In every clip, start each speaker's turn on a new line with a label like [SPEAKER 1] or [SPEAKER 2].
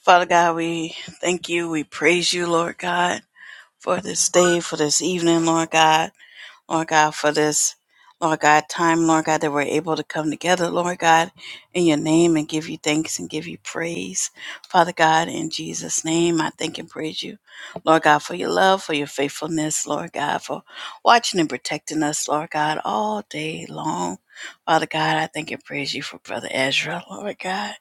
[SPEAKER 1] Father God, we thank you. We praise you, Lord God, for this day, for this evening, Lord God. Lord God, for this, Lord God, time, Lord God, that we're able to come together, Lord God, in your name and give you thanks and give you praise. Father God, in Jesus' name, I thank and praise you, Lord God, for your love, for your faithfulness, Lord God, for watching and protecting us, Lord God, all day long. Father God, I thank and praise you for Brother Ezra, Lord God.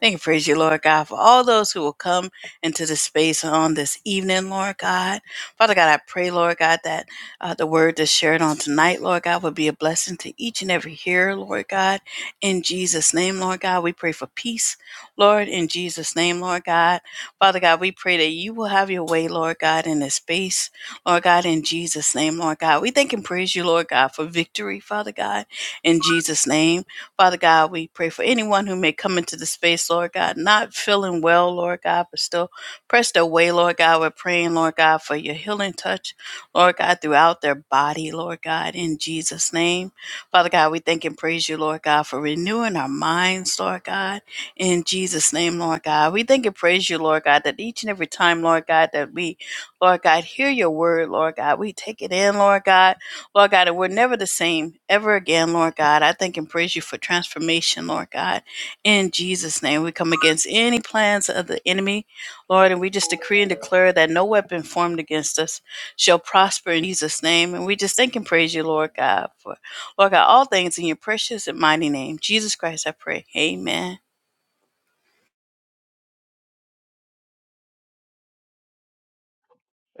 [SPEAKER 1] Thank and praise you, Lord God, for all those who will come into this space on this evening, Lord God. Father God, I pray, Lord God, that uh, the word that's shared on tonight, Lord God, would be a blessing to each and every hearer, Lord God. In Jesus' name, Lord God, we pray for peace, Lord, in Jesus' name, Lord God. Father God, we pray that you will have your way, Lord God, in this space, Lord God, in Jesus' name, Lord God. We thank and praise you, Lord God, for victory, Father God, in Jesus' name. Father God, we pray for anyone who may come into the space, Lord God, not feeling well, Lord God, but still pressed away, Lord God. We're praying, Lord God, for your healing touch Lord God, throughout their body, Lord God, in Jesus' name. Father God, we thank and praise you, Lord God, for renewing our minds, Lord God, in Jesus' name, Lord God. We thank and praise you, Lord God, that each and every time, Lord God, that we, Lord God, hear your word, Lord God, we take it in, Lord God, Lord God, and we're never the same ever again, Lord God. I thank and praise you for transformation, Lord God, in Jesus' name. We come against any plans of the enemy, Lord, and we just decree and declare that no weapon formed against us shall prosper in Jesus' name. And we just thank and praise you, Lord God, for Lord God, all things in your precious and mighty name. Jesus Christ, I pray. Amen.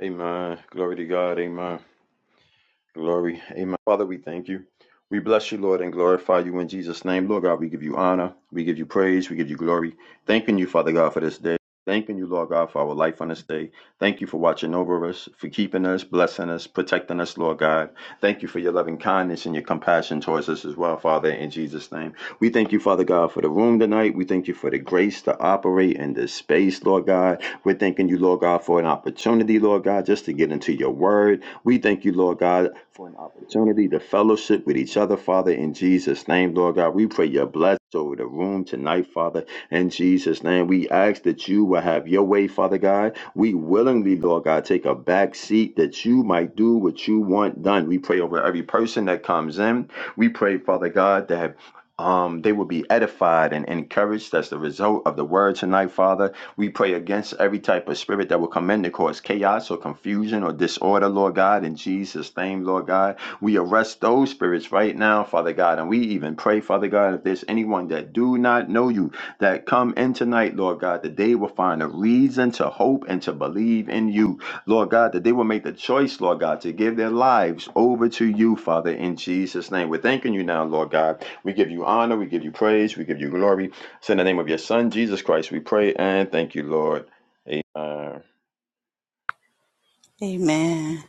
[SPEAKER 2] Amen. Glory to God. Amen. Glory. Amen. Father, we thank you. We bless you, Lord, and glorify you in Jesus' name. Lord God, we give you honor. We give you praise. We give you glory. Thanking you, Father God, for this day. Thanking you, Lord God, for our life on this day. Thank you for watching over us, for keeping us, blessing us, protecting us, Lord God. Thank you for your loving kindness and your compassion towards us as well, Father, in Jesus' name. We thank you, Father God, for the room tonight. We thank you for the grace to operate in this space, Lord God. We're thanking you, Lord God, for an opportunity, Lord God, just to get into your word we thank you, Lord God, for an opportunity to fellowship with each other, Father, in Jesus' name, Lord God. We pray your blessing over the room tonight, Father, in Jesus' name. We ask that you will have your way, Father God. We willingly, Lord God, take a back seat that you might do what you want done. We pray over every person that comes in. We pray, Father God, that um, they will be edified and encouraged. That's the result of the word tonight, Father. We pray against every type of spirit that will come in to cause chaos or confusion or disorder, Lord God, in Jesus' name, Lord God. We arrest those spirits right now, Father God, and we even pray, Father God, if there's anyone that do not know you that come in tonight, Lord God, that they will find a reason to hope and to believe in you, Lord God, that they will make the choice, Lord God, to give their lives over to you, Father, in Jesus' name. We're thanking you now, Lord God. We give you honor, we give you praise, we give you glory. It's in the name of your son, Jesus Christ, we pray and thank you, Lord. Uh,
[SPEAKER 1] Amen.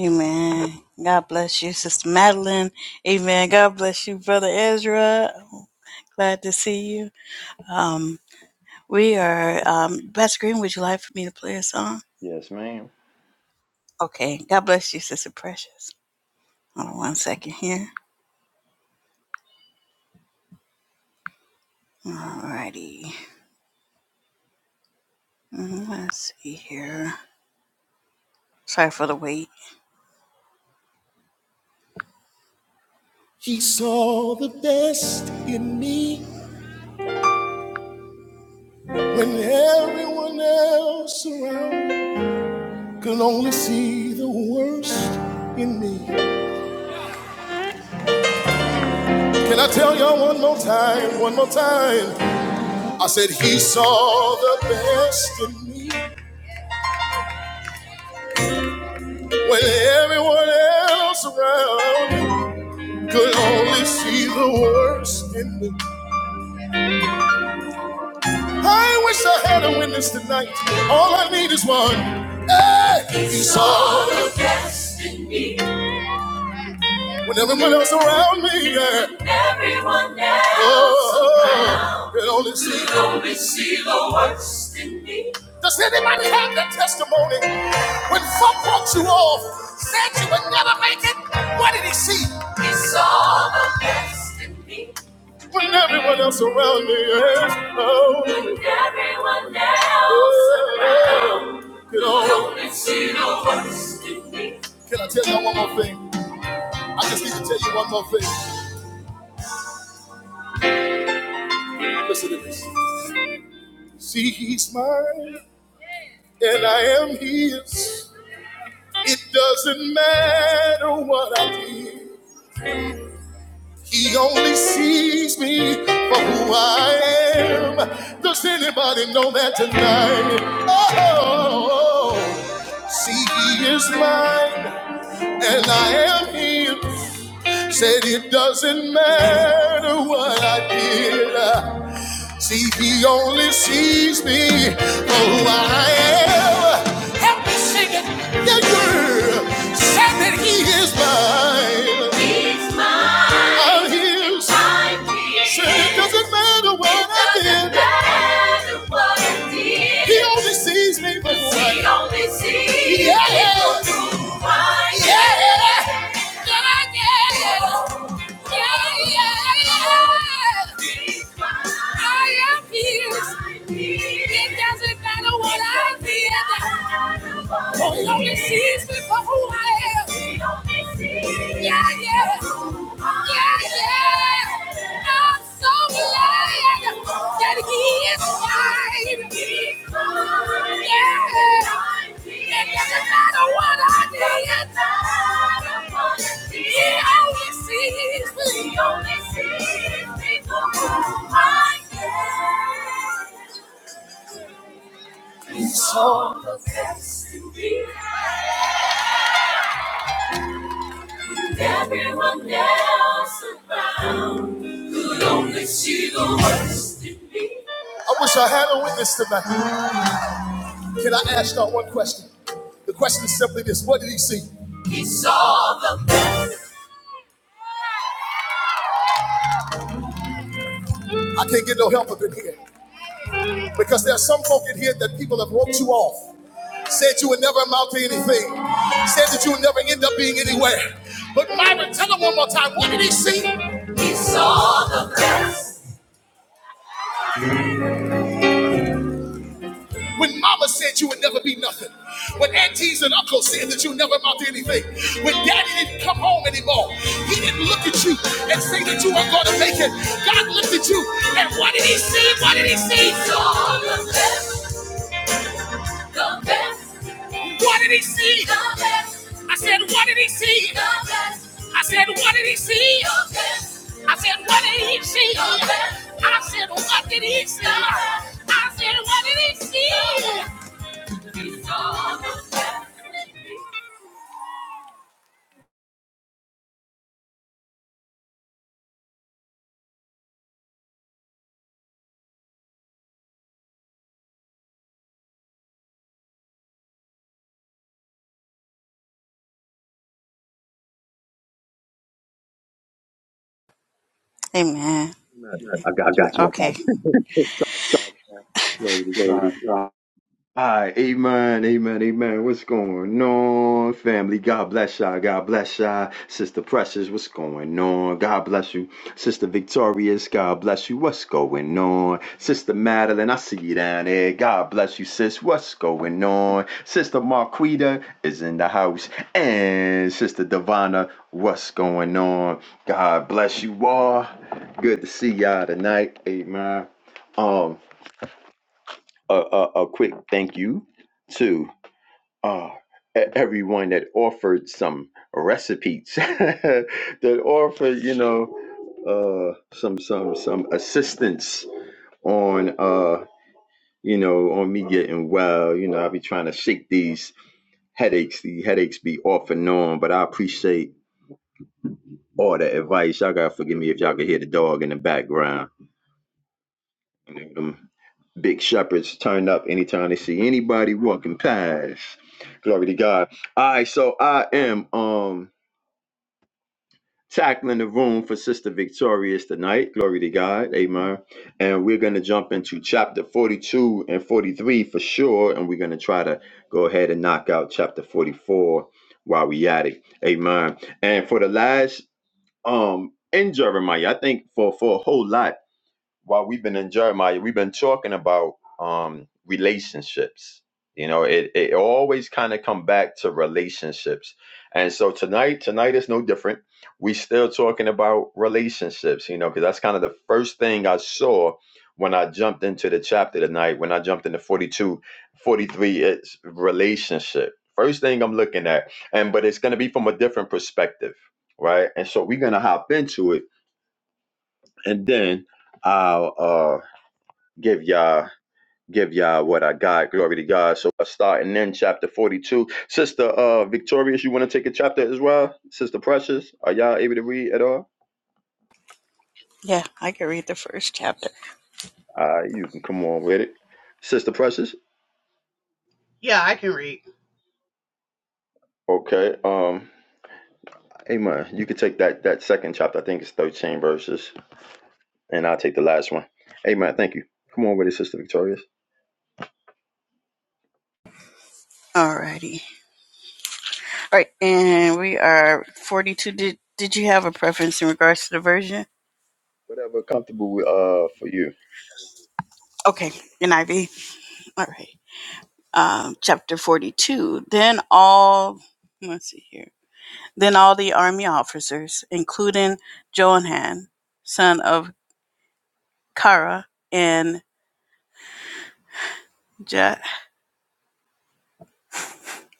[SPEAKER 1] Amen. God bless you, Sister Madeline. Amen. God bless you, Brother Ezra. Glad to see you. Um, we are um Pastor Green, would you like for me to play a song?
[SPEAKER 2] yes, ma'am.
[SPEAKER 1] Okay. God bless you, Sister Precious. Hold on one second here. Alrighty. Mm, Let's see here. Sorry for the wait. He saw the best in me when everyone else around could only see the worst in me. Can I tell y'all one more time? One more time. I said, He saw the best in me when everyone else around could only see the worst in me. I wish I had a witness tonight. All I need is one. Hey! He saw the best in me. When everyone else around me, yeah. Everyone else oh, around. Can only see. Can only see the worst in me. Does anybody have that testimony? When folk walked you off, said you would never make it, what did he see? He saw the best in me. When everyone else around me, yeah. Oh. When everyone else around. Can only see the worst in me. Can I tell you one more thing? I just need to tell you one more thing. Listen to this. See, he's mine, and I am his. It doesn't matter what I did. He only sees me for who I am. Does anybody know that tonight? Oh, see, he is mine, and I am his. Said it doesn't matter what I did. See, he only sees me for who I am. Help me sing it. Yeah, yeah. Say that he is mine. He's mine. I'm his. I'm his. Say it doesn't matter what it I did. It doesn't matter what I did. He only sees me for who I am. He only sees yeah. me for who I am. Yeah. Yeah, yeah, yeah, yeah, yeah. I am healed. It doesn't matter what I did. God only sees me for who I am. Yeah, yeah. Yeah, yeah. I'm so glad that He is mine. Yeah. It's all the best to be with Everyone else around could only see the worst in me. I wish I had a witness tonight. Can I ask y'all one question? The question is simply this: What did he see? He saw the best. I can't get no help up in here. Because there's some folk in here that people have roped you off, said you would never amount to anything, said that you would never end up being anywhere. But Myra, tell them one more time, what did he see? When mama said you would never be nothing. When aunties and uncles said that you never amount to anything. When daddy didn't come home anymore. He didn't look at you and say that you weren't going to make it. God looked at you and what did he see? What did he see? Saw the best The best. What did he see? The best. I said, what did he see? The best. I said, what did he see? The best. I said, what did he see? The best. I said, what did he see? I said, what did he see? He saw the best. Amen.
[SPEAKER 2] Amen. I
[SPEAKER 1] I
[SPEAKER 2] got you.
[SPEAKER 1] got
[SPEAKER 2] I
[SPEAKER 1] you
[SPEAKER 2] got
[SPEAKER 1] Okay.
[SPEAKER 2] you. Glory to God.
[SPEAKER 1] lady. Uh,
[SPEAKER 2] Hi, amen, amen, amen. What's going on, family? God bless y'all. God bless y'all. Sister Precious, what's going on? God bless you. Sister Victorious, God bless you. What's going on? Sister Madeline, I see you down there. God bless you, sis. What's going on? Sister Marquita is in the house. And Sister Divana, what's going on? God bless you all. Good to see y'all tonight. Amen. Um a, a, a quick thank you to uh, e- everyone that offered some recipes, that offered, you know, uh, some some some assistance on uh, you know on me getting well. You know, I be trying to shake these headaches. The headaches be off and on, but I appreciate all the advice. Y'all gotta forgive me if y'all can hear the dog in the background. Big shepherds turn up anytime they see anybody walking past. Glory to God. All right, so I am um tackling the room for Sister Victorious tonight. Glory to God. Amen. And we're gonna jump into chapter 42 and 43 for sure. And we're gonna try to go ahead and knock out chapter 44 while we at it. Amen. And for the last um in Jeremiah, I think for for a whole lot while we've been in Jeremiah, we've been talking about um, relationships. You know, it, it always kind of come back to relationships. And so tonight, tonight is no different. We still talking about relationships, you know, because that's kind of the first thing I saw when I jumped into the chapter tonight, when I jumped into 42, 43, it's relationship. First thing I'm looking at. And but it's gonna be from a different perspective, right? And so we're gonna hop into it and then I'll uh give y'all give y'all what I got. Glory to God. So I starting in chapter 42. Sister uh Victorious, you want to take a chapter as well? Sister Precious, are y'all able to read at all?
[SPEAKER 1] Yeah, I can read the first chapter.
[SPEAKER 2] Uh you can come on with it. Sister Precious.
[SPEAKER 3] Yeah, I can read.
[SPEAKER 2] Okay. Um Amen. You can take that that second chapter. I think it's 13 verses. And I'll take the last one. Amen. Thank you. Come on with it, Sister Victorious.
[SPEAKER 1] Alrighty. Alright, and we are 42. Did did you have a preference in regards to the version?
[SPEAKER 2] Whatever comfortable uh for you.
[SPEAKER 1] Okay, NIV. all right um, chapter 42 then all let's see here then all the army officers including johanan son of kara and ja-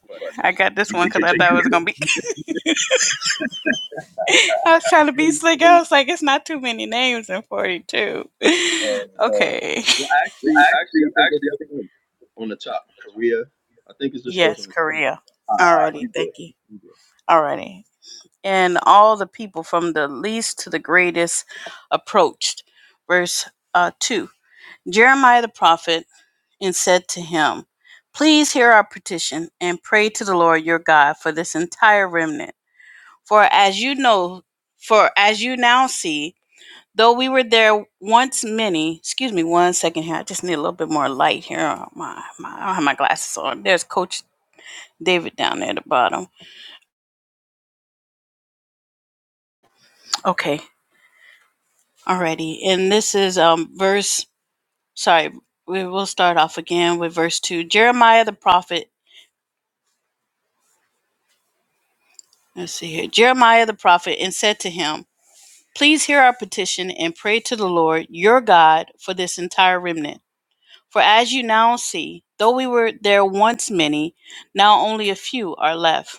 [SPEAKER 2] But let's
[SPEAKER 1] i got this
[SPEAKER 2] you
[SPEAKER 1] one
[SPEAKER 2] can
[SPEAKER 1] because
[SPEAKER 2] take
[SPEAKER 1] i
[SPEAKER 2] you
[SPEAKER 1] thought it was gonna be i was trying to be
[SPEAKER 2] can,
[SPEAKER 1] slick i was like it's not too many names in 42
[SPEAKER 2] uh,
[SPEAKER 1] okay
[SPEAKER 2] Well,
[SPEAKER 1] see
[SPEAKER 2] actually, actually, I think that's
[SPEAKER 1] actually I
[SPEAKER 2] the
[SPEAKER 1] think
[SPEAKER 2] thing on the top. Korea, I think it's just those on
[SPEAKER 1] yes
[SPEAKER 2] the top.
[SPEAKER 1] korea
[SPEAKER 2] All right, all right,
[SPEAKER 1] alrighty
[SPEAKER 2] you good.
[SPEAKER 1] thank you
[SPEAKER 2] You good.
[SPEAKER 1] alrighty and all the people from the least to the greatest approached. Verse uh, 2 Jeremiah the prophet and said to him, Please hear our petition and pray to the Lord your God for this entire remnant. For as you know, for as you now see, though we were there once many, excuse me one second here, I just need a little bit more light here. Oh, my, my, I don't have my glasses on. There's Coach David down there at the bottom. Okay, alrighty. And this is um, verse sorry, we will start off again with verse 2. Jeremiah the prophet, let's see here. Jeremiah the prophet and said to him, Please hear our petition and pray to the Lord your God for this entire remnant. For as you now see, though we were there once many, now only a few are left.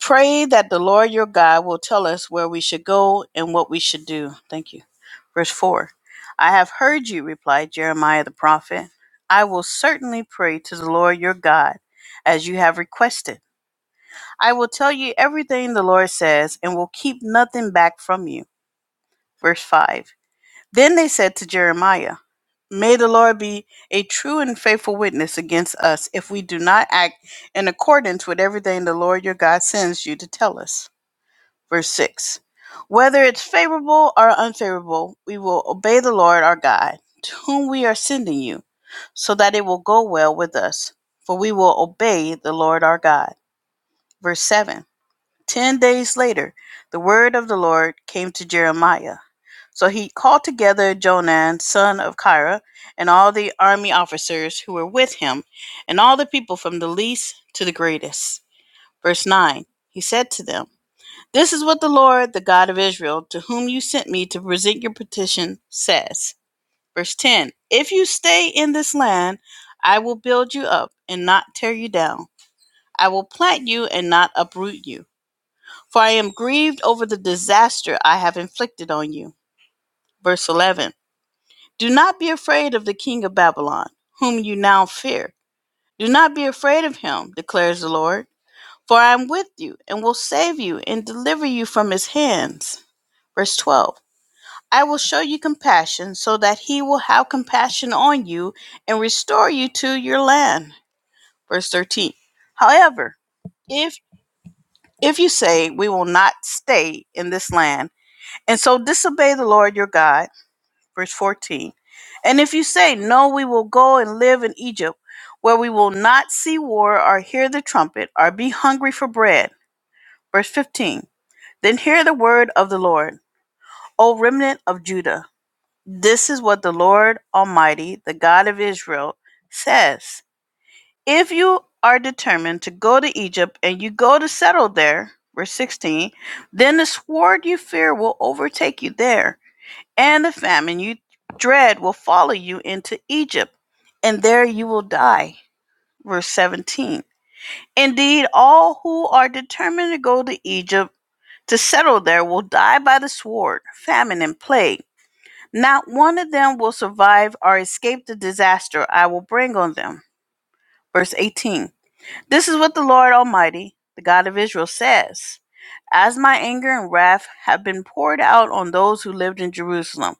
[SPEAKER 1] Pray that the Lord your God will tell us where we should go and what we should do. Thank you. Verse 4 I have heard you, replied Jeremiah the prophet. I will certainly pray to the Lord your God as you have requested. I will tell you everything the Lord says and will keep nothing back from you. Verse 5 Then they said to Jeremiah, May the Lord be a true and faithful witness against us if we do not act in accordance with everything the Lord your God sends you to tell us. Verse 6 Whether it's favorable or unfavorable, we will obey the Lord our God, to whom we are sending you, so that it will go well with us, for we will obey the Lord our God. Verse seven: Ten days later, the word of the Lord came to Jeremiah. So he called together Jonan, son of Kira, and all the army officers who were with him, and all the people from the least to the greatest. Verse 9 He said to them, this is what the Lord, the God of Israel, to whom you sent me to present your petition, says. Verse 10 If you stay in this land, I will build you up and not tear you down. I will plant you and not uproot you. For I am grieved over the disaster I have inflicted on you. Verse 11 Do not be afraid of the king of Babylon, whom you now fear. Do not be afraid of him, declares the Lord. For I am with you and will save you and deliver you from his hands. Verse 12. I will show you compassion so that he will have compassion on you and restore you to your land. Verse 13. However, if if you say we will not stay in this land and so disobey the Lord your God, verse 14. And if you say no we will go and live in Egypt where we will not see war or hear the trumpet or be hungry for bread, verse 15. Then hear the word of the Lord, O remnant of Judah This is what the Lord Almighty, the God of Israel, says If you are determined to go to Egypt and you go to settle there, verse 16, then the sword you fear will overtake you there, and the famine you dread will follow you into Egypt, and there you will die. Verse 17. Indeed, all who are determined to go to Egypt to settle there will die by the sword, famine, and plague not one of them will survive or escape the disaster I will bring on them. Verse 18 This is what the Lord Almighty, the God of Israel, says As my anger and wrath have been poured out on those who lived in Jerusalem,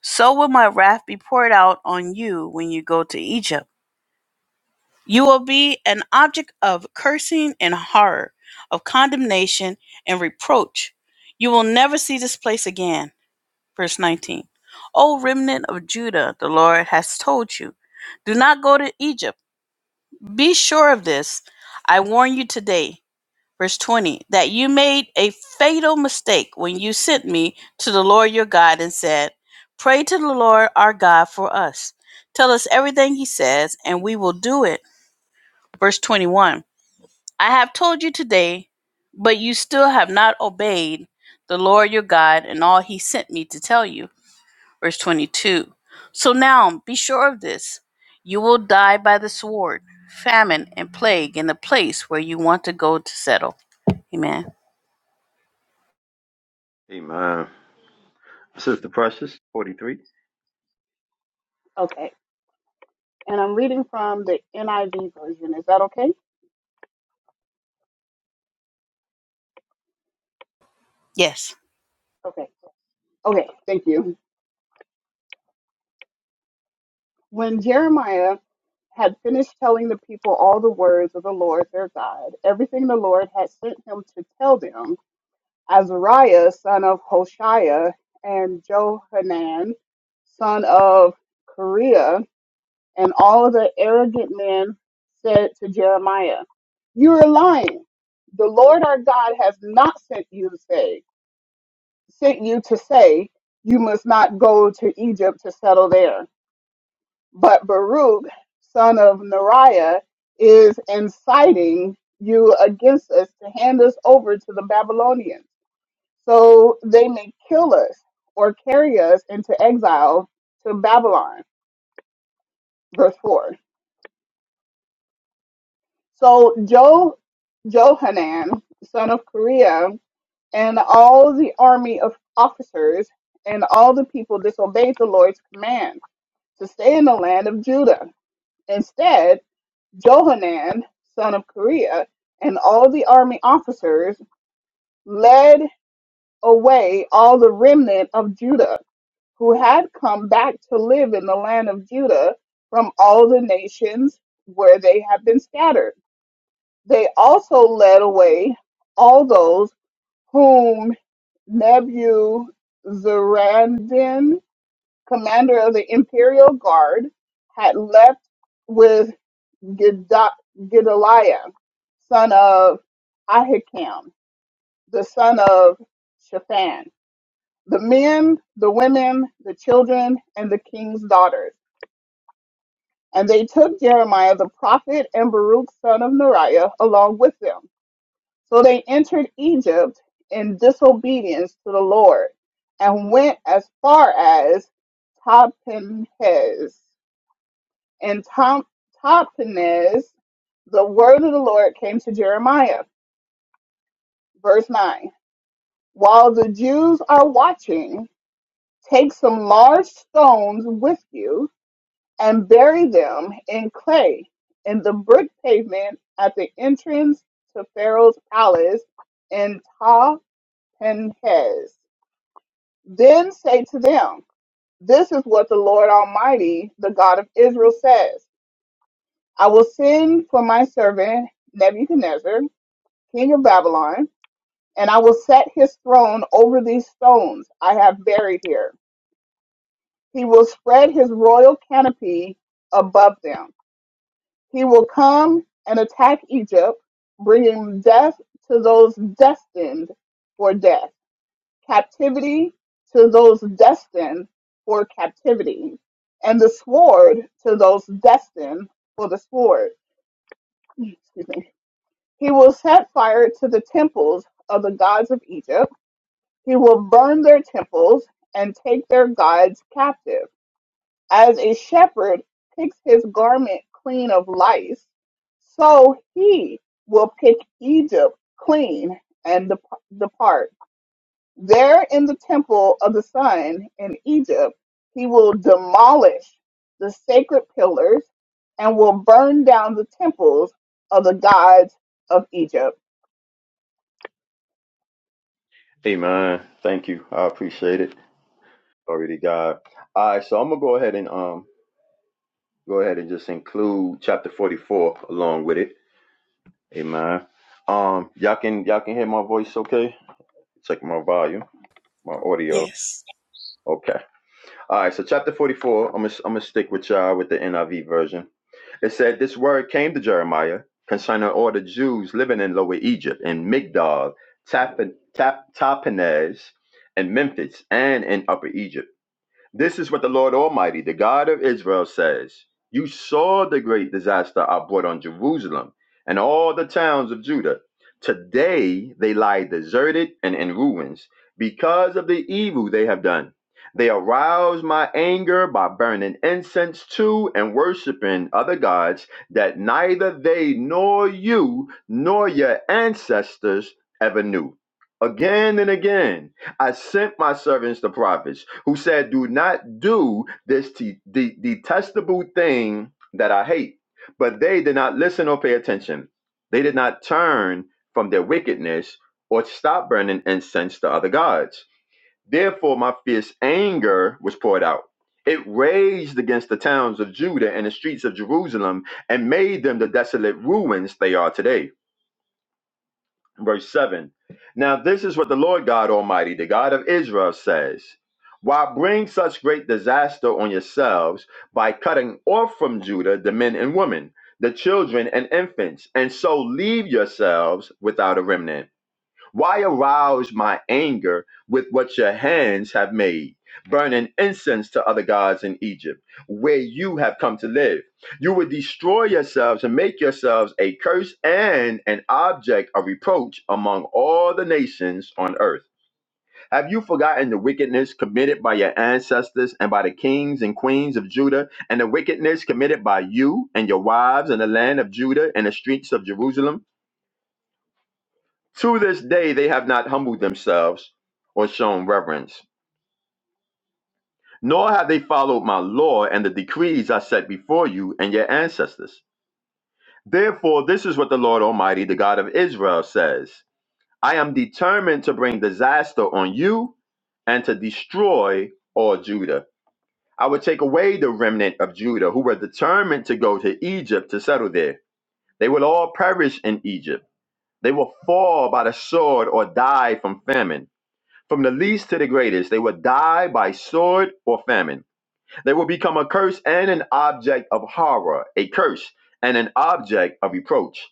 [SPEAKER 1] so will my wrath be poured out on you when you go to Egypt. You will be an object of cursing and horror, of condemnation and reproach. You will never see this place again. Verse 19 O remnant of Judah, the Lord has told you, do not go to Egypt. Be sure of this. I warn you today. Verse 20 That you made a fatal mistake when you sent me to the Lord your God and said, Pray to the Lord our God for us. Tell us everything he says, and we will do it. Verse 21 I have told you today, but you still have not obeyed the Lord your God and all he sent me to tell you. Verse 22 So now be sure of this you will die by the sword, famine, and plague in the place where you want to go to settle. Amen.
[SPEAKER 2] Amen. Sister Precious, 43.
[SPEAKER 3] Okay. And I'm reading from the NIV version. Is that okay?
[SPEAKER 1] Yes.
[SPEAKER 3] Okay. Okay. Thank you. When Jeremiah had finished telling the people all the words of the Lord their God, everything the Lord had sent him to tell them, Azariah, son of Hoshiah, and Johanan, son of Kareah, and all the arrogant men said to Jeremiah, You are lying. The Lord our God has not sent you to say. sent you to say, You must not go to Egypt to settle there. But Baruch, son of Neriah, is inciting you against us to hand us over to the Babylonians, so they may kill us or carry us into exile to Babylon. Verse 4. So jo- Johanan, son of Kareah, and all the army of officers and all the people disobeyed the Lord's command to stay in the land of Judah. Instead, Johanan, son of Kareah, and all the army officers led away all the remnant of Judah who had come back to live in the land of Judah from all the nations where they had been scattered. They also led away all those whom Nebuzaradan, commander of the imperial guard, had left with. Geda- Gedaliah, son of Ahikam, the son of Shaphan, the men, the women, the children, and the king's daughters. And they took Jeremiah the prophet and Baruch son of Neriah along with them. So they entered Egypt in disobedience to the Lord and went as far as Tapenhez. And Tom, Tapenhez, the word of the Lord came to Jeremiah. Verse 9 While the Jews are watching, take some large stones with you and bury them in clay in the brick pavement at the entrance to Pharaoh's palace in Ta Penhes. Then say to them, This is what the Lord Almighty, the God of Israel, says I will send for my servant Nebuchadnezzar, king of Babylon and I will set his throne over these stones I have buried here. He will spread his royal canopy above them. He will come and attack Egypt, bringing death to those destined for death, captivity to those destined for captivity, and the sword to those destined for the sword. Excuse me. He will set fire to the temples of the gods of Egypt He will burn their temples and take their gods captive. As a shepherd picks his garment clean of lice, so he will pick Egypt clean and dep- depart. There in the temple of the sun in Egypt, he will demolish the sacred pillars and will burn down the temples of the gods of Egypt.
[SPEAKER 2] Amen. Thank you. I appreciate it. Glory to God. All right, so I'm gonna go ahead and um go ahead and just include chapter 44 along with it. Amen. Um, y'all can y'all can hear my voice okay? Check my volume, my audio.
[SPEAKER 1] Yes.
[SPEAKER 2] Okay. All right, so chapter 44, I'm gonna I'm gonna stick with y'all with the NIV version. It said, This word came to Jeremiah concerning all the Jews living in Lower Egypt, in Migdol, Tap, Tap, Tapanhes, and Memphis, and in Upper Egypt. This is what the Lord Almighty, the God of Israel, says You saw the great disaster I brought on Jerusalem and all the towns of Judah. Today they lie deserted and in ruins because of the evil they have done. They arouse my anger by burning incense to and worshiping other gods that neither they nor you nor your ancestors ever knew. Again and again I sent my servants the prophets, who said, Do not do this te- de- detestable thing that I hate. But they did not listen or pay attention. They did not turn from their wickedness or stop burning incense to other gods. Therefore, my fierce anger was poured out. It raged against the towns of Judah and the streets of Jerusalem and made them the desolate ruins they are today verse 7. Now, this is what the Lord God Almighty, the God of Israel, says Why bring such great disaster on yourselves by cutting off from Judah the men and women, the children and infants, and so leave yourselves without a remnant? Why arouse my anger with what your hands have made, burning incense to other gods in Egypt, where you have come to live? You would destroy yourselves and make yourselves a curse and an object of reproach among all the nations on earth. Have you forgotten the wickedness committed by your ancestors and by the kings and queens of Judah, and the wickedness committed by you and your wives in the land of Judah and the streets of Jerusalem? To this day, they have not humbled themselves or shown reverence, nor have they followed my law and the decrees I set before you and your ancestors. Therefore, this is what the Lord Almighty, the God of Israel, says I am determined to bring disaster on you and to destroy all Judah. I would take away the remnant of Judah who were determined to go to Egypt to settle there. They will all perish in Egypt. They will fall by the sword or die from famine. From the least to the greatest, they will die by sword or famine. They will become a curse and an object of horror, a curse and an object of reproach.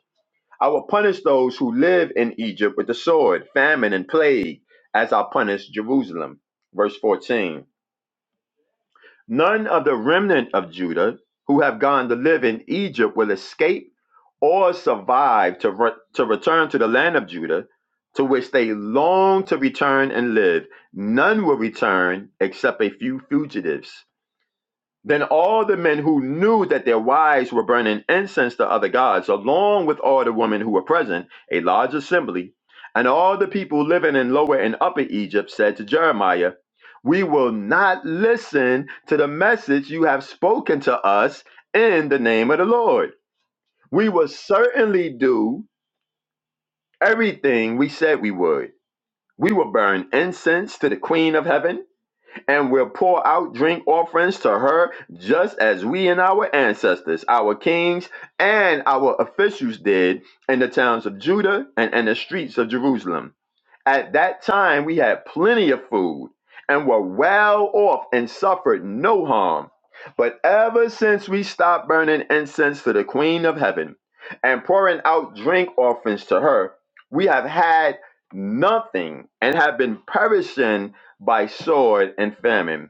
[SPEAKER 2] I will punish those who live in Egypt with the sword, famine, and plague, as I punished Jerusalem. Verse 14. None of the remnant of Judah who have gone to live in Egypt will escape or survive to, re- to return to the land of Judah, to which they long to return and live. None will return except a few fugitives. Then all the men who knew that their wives were burning incense to other gods, along with all the women who were present, a large assembly, and all the people living in lower and upper Egypt said to Jeremiah, We will not listen to the message you have spoken to us in the name of the Lord. We will certainly do everything we said we would. We will burn incense to the Queen of Heaven and will pour out drink offerings to her, just as we and our ancestors, our kings, and our officials did in the towns of Judah and in the streets of Jerusalem. At that time, we had plenty of food and were well off and suffered no harm. But ever since we stopped burning incense to the Queen of Heaven and pouring out drink offerings to her, we have had nothing and have been perishing by sword and famine.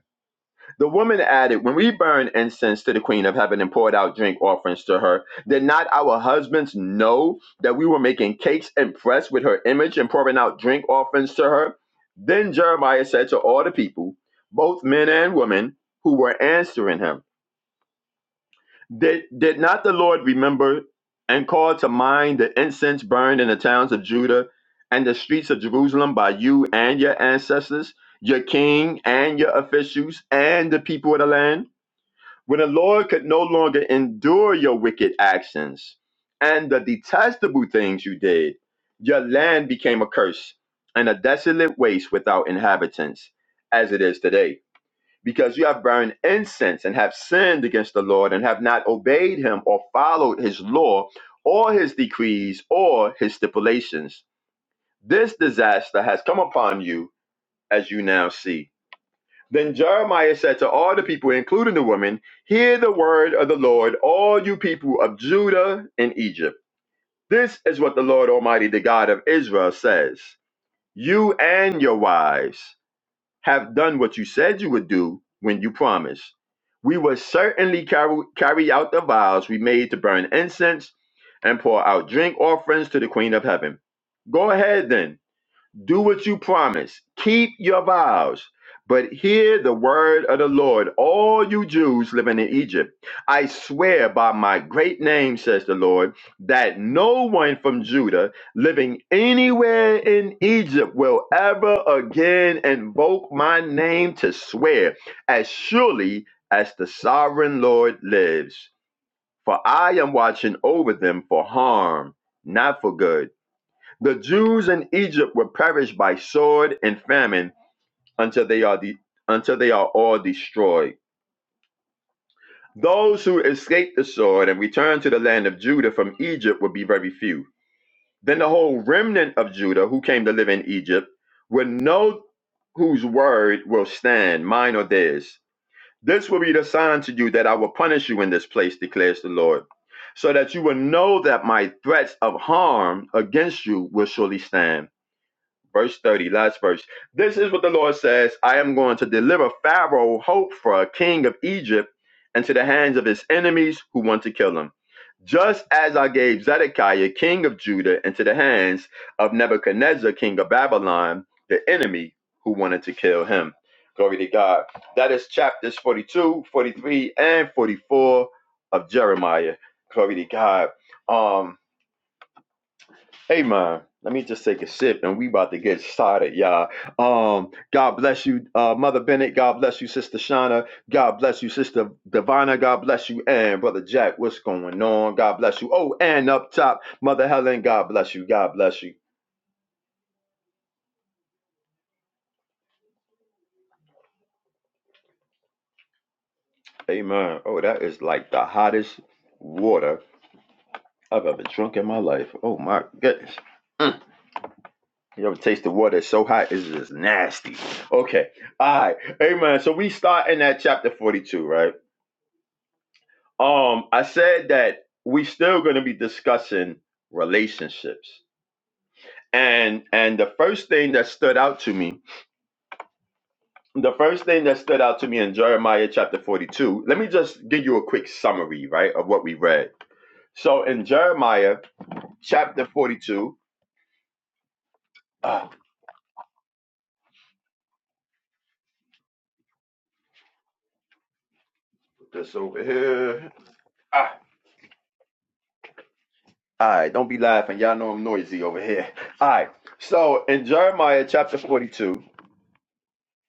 [SPEAKER 2] The woman added, When we burn incense to the queen of heaven and poured out drink offerings to her, did not our husbands know that we were making cakes impressed with her image and pouring out drink offerings to her? Then Jeremiah said to all the people, both men and women, who were answering him, Did, did not the Lord remember and call to mind the incense burned in the towns of Judah and the streets of Jerusalem by you and your ancestors, your king and your officials, and the people of the land? When the Lord could no longer endure your wicked actions and the detestable things you did, your land became a curse and a desolate waste without inhabitants, as it is today. Because you have burned incense and have sinned against the Lord and have not obeyed him or followed his law or his decrees or his stipulations. This disaster has come upon you as you now see. Then Jeremiah said to all the people, including the women, Hear the word of the Lord, all you people of Judah and Egypt. This is what the Lord Almighty, the God of Israel, says You and your wives have done what you said you would do when you promised. We will certainly carry, carry out the vows we made to burn incense and pour out drink offerings to the Queen of Heaven. Go ahead then do what you promise. Keep your vows. But hear the word of the Lord, all you Jews living in Egypt. I swear by my great name, says the Lord, that no one from Judah living anywhere in Egypt will ever again invoke my name to swear, as surely as the sovereign Lord lives. For I am watching over them for harm, not for good the Jews in Egypt will perish by sword and famine until they are de- until they are all destroyed. Those who escape the sword and return to the land of Judah from Egypt will be very few. Then the whole remnant of Judah who came to live in Egypt will know whose word will stand, mine or theirs. This will be the sign to you that I will punish you in this place, declares the Lord, so that you will know that my threats of harm against you will surely stand. verse 30, last verse. This is what the Lord says I am going to deliver Pharaoh hope for a king of Egypt into the hands of his enemies who want to kill him. Just as I gave Zedekiah, king of Judah, into the hands of Nebuchadnezzar, king of Babylon, the enemy who wanted to kill him. Glory to God. That is chapters 42, 43, and 44 of Jeremiah. Glory to God. Um. Hey man, let me just take a sip and we about to get started, y'all. Um, God bless you, uh, Mother Bennett. God bless you, Sister Shauna. God bless you, Sister Divina. God bless you, and Brother Jack. What's going on? God bless you. Oh, and up top, Mother Helen. God bless you. God bless you. Amen. Oh, that is like the hottest water I've ever drunk in my life. Oh my goodness. You ever taste the water it's so hot? It's just nasty. Okay. All right. Amen. So we start in at chapter 42, right? Um, I said that we're still going to be discussing relationships, and and the first thing that stood out to me, the first thing that stood out to me in Jeremiah chapter forty-two. Let me just give you a quick summary, right, of what we read. So in Jeremiah chapter forty-two, ah, put this over here. Ah, all right, don't be laughing. Y'all know I'm noisy over here. All right. So in Jeremiah chapter 42,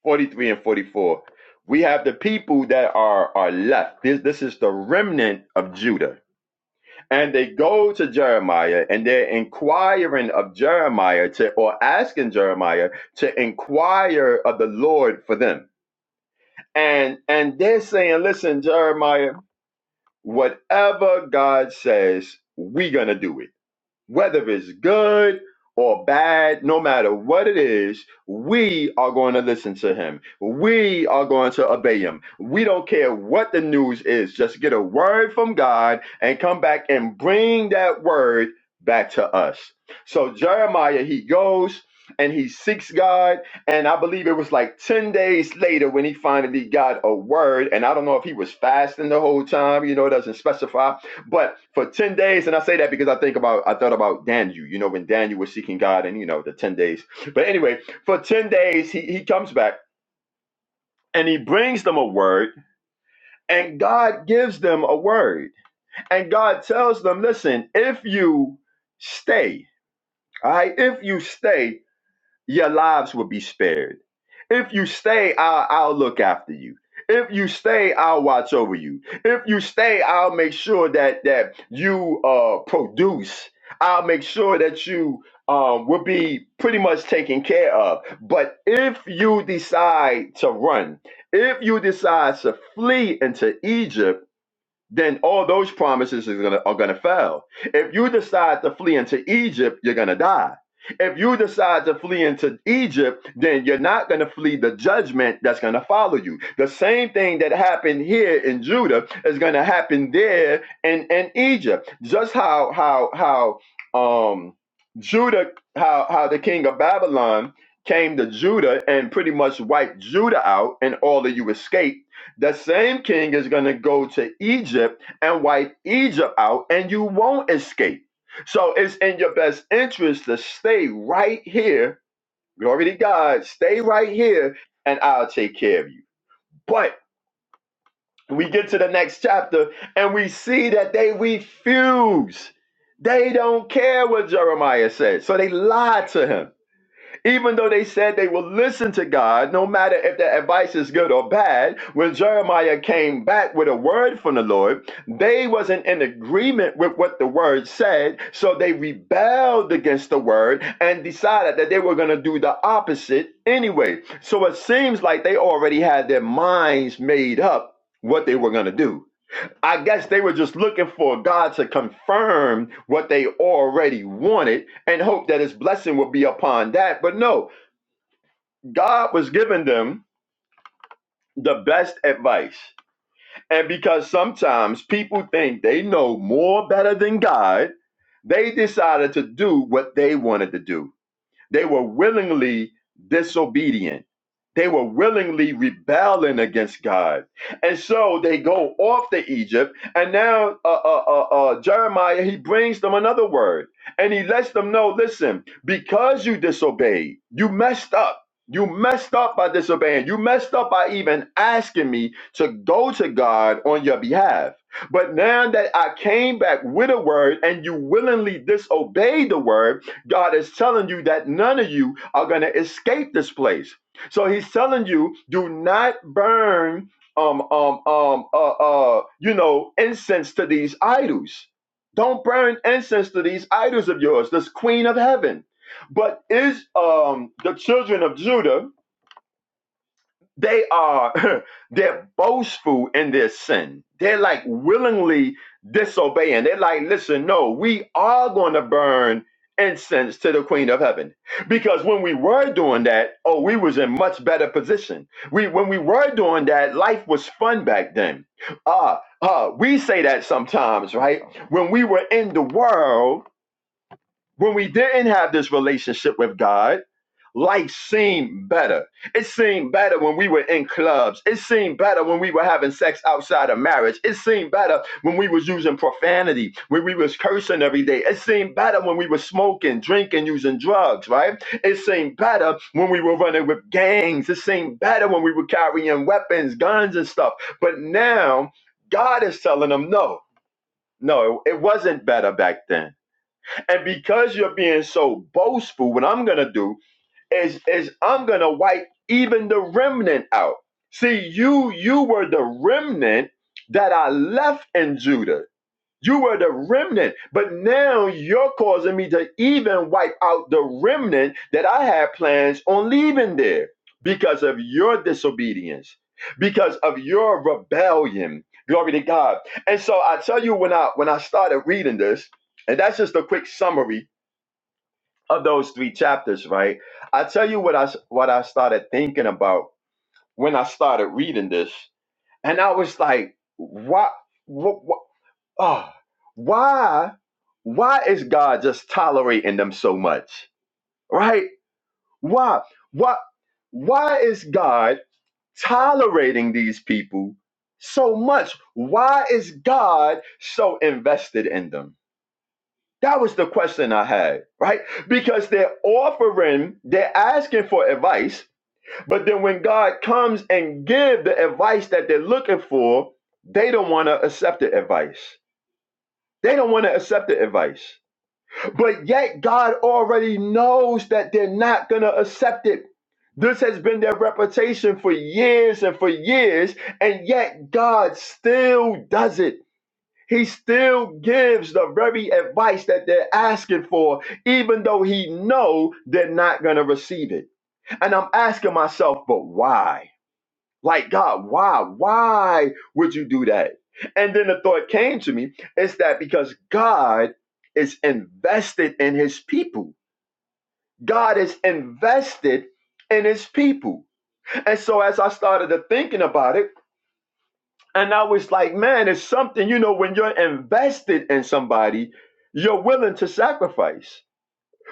[SPEAKER 2] 43 and 44. We have the people that are, are left. This, this is the remnant of Judah. And they go to Jeremiah and they're inquiring of Jeremiah to, or asking Jeremiah to inquire of the Lord for them. And, and they're saying, listen, Jeremiah, whatever God says, we're going to do it whether it's good or bad, no matter what it is, we are going to listen to him. We are going to obey him. We don't care what the news is. Just get a word from God and come back and bring that word back to us. So Jeremiah, he goes and he seeks God. And I believe it was like 10 days later when he finally got a word. And I don't know if he was fasting the whole time, you know, it doesn't specify but for 10 days, and I say that because I think about, I thought about Daniel, you know, when Daniel was seeking God and, you know, the 10 days. But anyway, for 10 days, he, he comes back and he brings them a word, and God gives them a word. And God tells them, listen, if you stay, all right, if you stay, your lives will be spared. If you stay, I'll, I'll look after you. If you stay, I'll watch over you. If you stay, I'll make sure that that you uh, produce. I'll make sure that you um, will be pretty much taken care of. But if you decide to run, if you decide to flee into Egypt, then all those promises is gonna, are going to fail. If you decide to flee into Egypt, you're going to die. If you decide to flee into Egypt, then you're not going to flee the judgment that's going to follow you. The same thing that happened here in Judah is going to happen there in, in Egypt. Just how how how um Judah how how the king of Babylon came to Judah and pretty much wiped Judah out, and all of you escaped the same king is going to go to Egypt and wipe Egypt out, and you won't escape. So it's in your best interest to stay right here. Glory to God. Stay right here, and I'll take care of you. But we get to the next chapter, and we see that they refuse. They don't care what Jeremiah said. So they lied to him. Even though they said they will listen to God, no matter if the advice is good or bad, when Jeremiah came back with a word from the Lord, they wasn't in agreement with what the word said, so they rebelled against the word and decided that they were going to do the opposite anyway. So it seems like they already had their minds made up what they were going to do. I guess they were just looking for God to confirm what they already wanted and hope that his blessing would be upon that. But no, God was giving them the best advice. And because sometimes people think they know more better than God, they decided to do what they wanted to do. They were willingly disobedient. They were willingly rebelling against God. And so they go off to Egypt. And now uh, uh, uh, uh, Jeremiah, he brings them another word. And he lets them know listen, because you disobeyed, you messed up. You messed up by disobeying. You messed up by even asking me to go to God on your behalf. But now that I came back with a word and you willingly disobeyed the word, God is telling you that none of you are going to escape this place. So he's telling you, do not burn, um, um, um, uh, uh, you know, incense to these idols. Don't burn incense to these idols of yours, this queen of heaven. But is um the children of Judah they are they're boastful in their sin they're like willingly disobeying they're like listen no we are going to burn incense to the queen of heaven because when we were doing that oh we was in much better position we when we were doing that life was fun back then uh uh we say that sometimes right when we were in the world when we didn't have this relationship with god life seemed better. It seemed better when we were in clubs. It seemed better when we were having sex outside of marriage. It seemed better when we was using profanity, when we was cursing every day. It seemed better when we were smoking, drinking, using drugs, right? It seemed better when we were running with gangs. It seemed better when we were carrying weapons, guns and stuff. But now God is telling them no. No, it wasn't better back then. And because you're being so boastful, what I'm going to do is is I'm gonna wipe even the remnant out. See, you you were the remnant that I left in Judah. You were the remnant, but now you're causing me to even wipe out the remnant that I had plans on leaving there because of your disobedience, because of your rebellion. Glory to God. And so I tell you when I when I started reading this, and that's just a quick summary of those three chapters, right? I tell you what I what I started thinking about when I started reading this, and I was like, why, what, oh, why, why is God just tolerating them so much, right? Why, why, why is God tolerating these people so much? Why is God so invested in them? That was the question I had, right? Because they're offering, they're asking for advice, but then when God comes and give the advice that they're looking for, they don't want to accept the advice. They don't want to accept the advice. But yet God already knows that they're not going to accept it. This has been their reputation for years and for years, and yet God still does it. He still gives the very advice that they're asking for, even though he know they're not going to receive it. And I'm asking myself, but why? Like God, why? Why would you do that? And then the thought came to me is that because God is invested in his people. God is invested in his people. And so as I started to thinking about it, And I was like, man, it's something, you know, when you're invested in somebody, you're willing to sacrifice.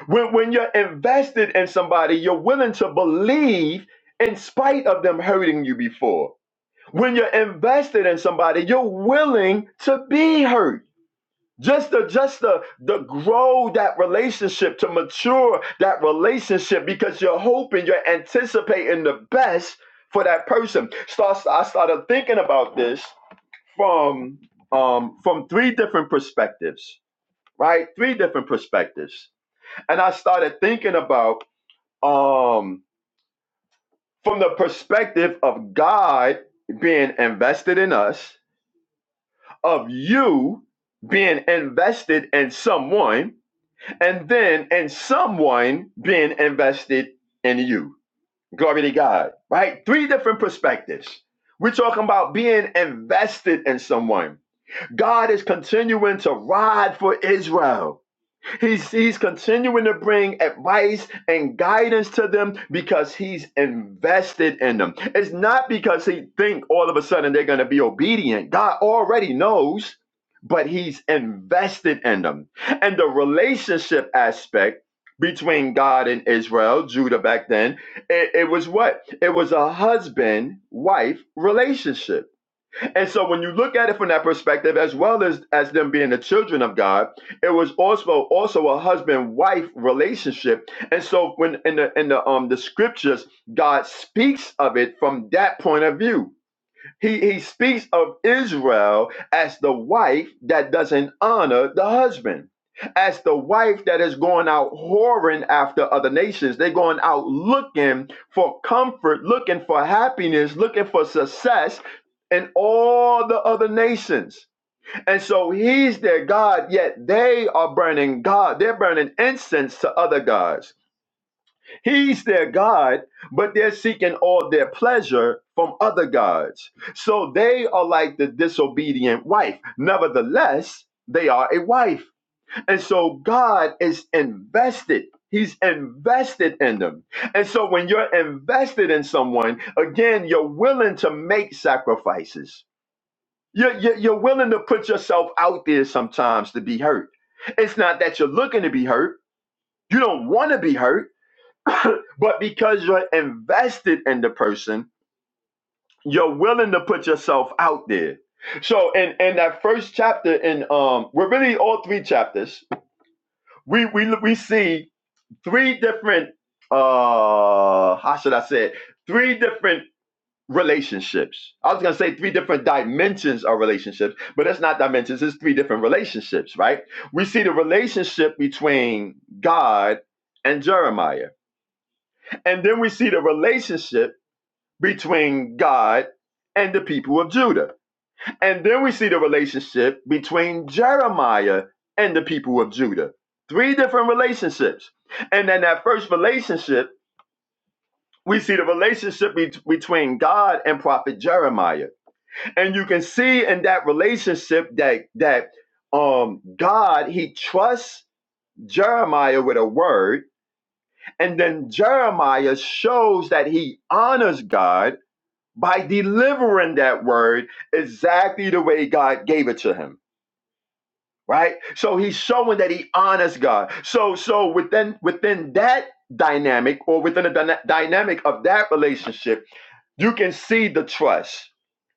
[SPEAKER 2] When, when you're invested in somebody, you're willing to believe in spite of them hurting you before. When you're invested in somebody, you're willing to be hurt. Just to just to, to grow that relationship, to mature that relationship, because you're hoping, you're anticipating the best for that person. Start, I started thinking about this from um, from three different perspectives, right? Three different perspectives, and I started thinking about um, from the perspective of God being invested in us, of you being invested in someone, and then in someone being invested in you. Glory to God, right? Three different perspectives. We're talking about being invested in someone. God is continuing to ride for Israel. He's, he's continuing to bring advice and guidance to them because he's invested in them. It's not because he thinks all of a sudden they're going to be obedient. God already knows, but he's invested in them. And the relationship aspect between God and Israel, Judah back then, it, it was what? It was a husband-wife relationship and so when you look at it from that perspective, as well as as them being the children of God, it was also also a husband-wife relationship. And so when in the in the um the scriptures, God speaks of it from that point of view. He, he speaks of Israel as the wife that doesn't honor the husband, as the wife that is going out whoring after other nations. They're going out looking for comfort, looking for happiness, looking for success in all the other nations. And so he's their God, yet they are burning God. They're burning incense to other gods. He's their God, but they're seeking all their pleasure from other gods. So they are like the disobedient wife. Nevertheless, they are a wife. And so God is invested. He's invested in them. And so when you're invested in someone, again, you're willing to make sacrifices. You're, you're, you're willing to put yourself out there sometimes to be hurt. It's not that you're looking to be hurt. You don't want to be hurt but because you're invested in the person, you're willing to put yourself out there. So in, in that first chapter, in um, we're really all three chapters. We we we see three different uh, how should I say it? Three different relationships. I was gonna say three different dimensions of relationships, but it's not dimensions. It's three different relationships, right? We see the relationship between God and Jeremiah, and then we see the relationship between God and the people of Judah. And then we see the relationship between Jeremiah and the people of Judah. Three different relationships. And then that first relationship, we see the relationship be- between God and prophet Jeremiah. And you can see in that relationship that that um God, he trusts Jeremiah with a word, and then Jeremiah shows that he honors God by delivering that word exactly the way God gave it to him, right? So he's showing that he honors God. So so within within that dynamic or within the dyna- dynamic of that relationship, you can see the trust.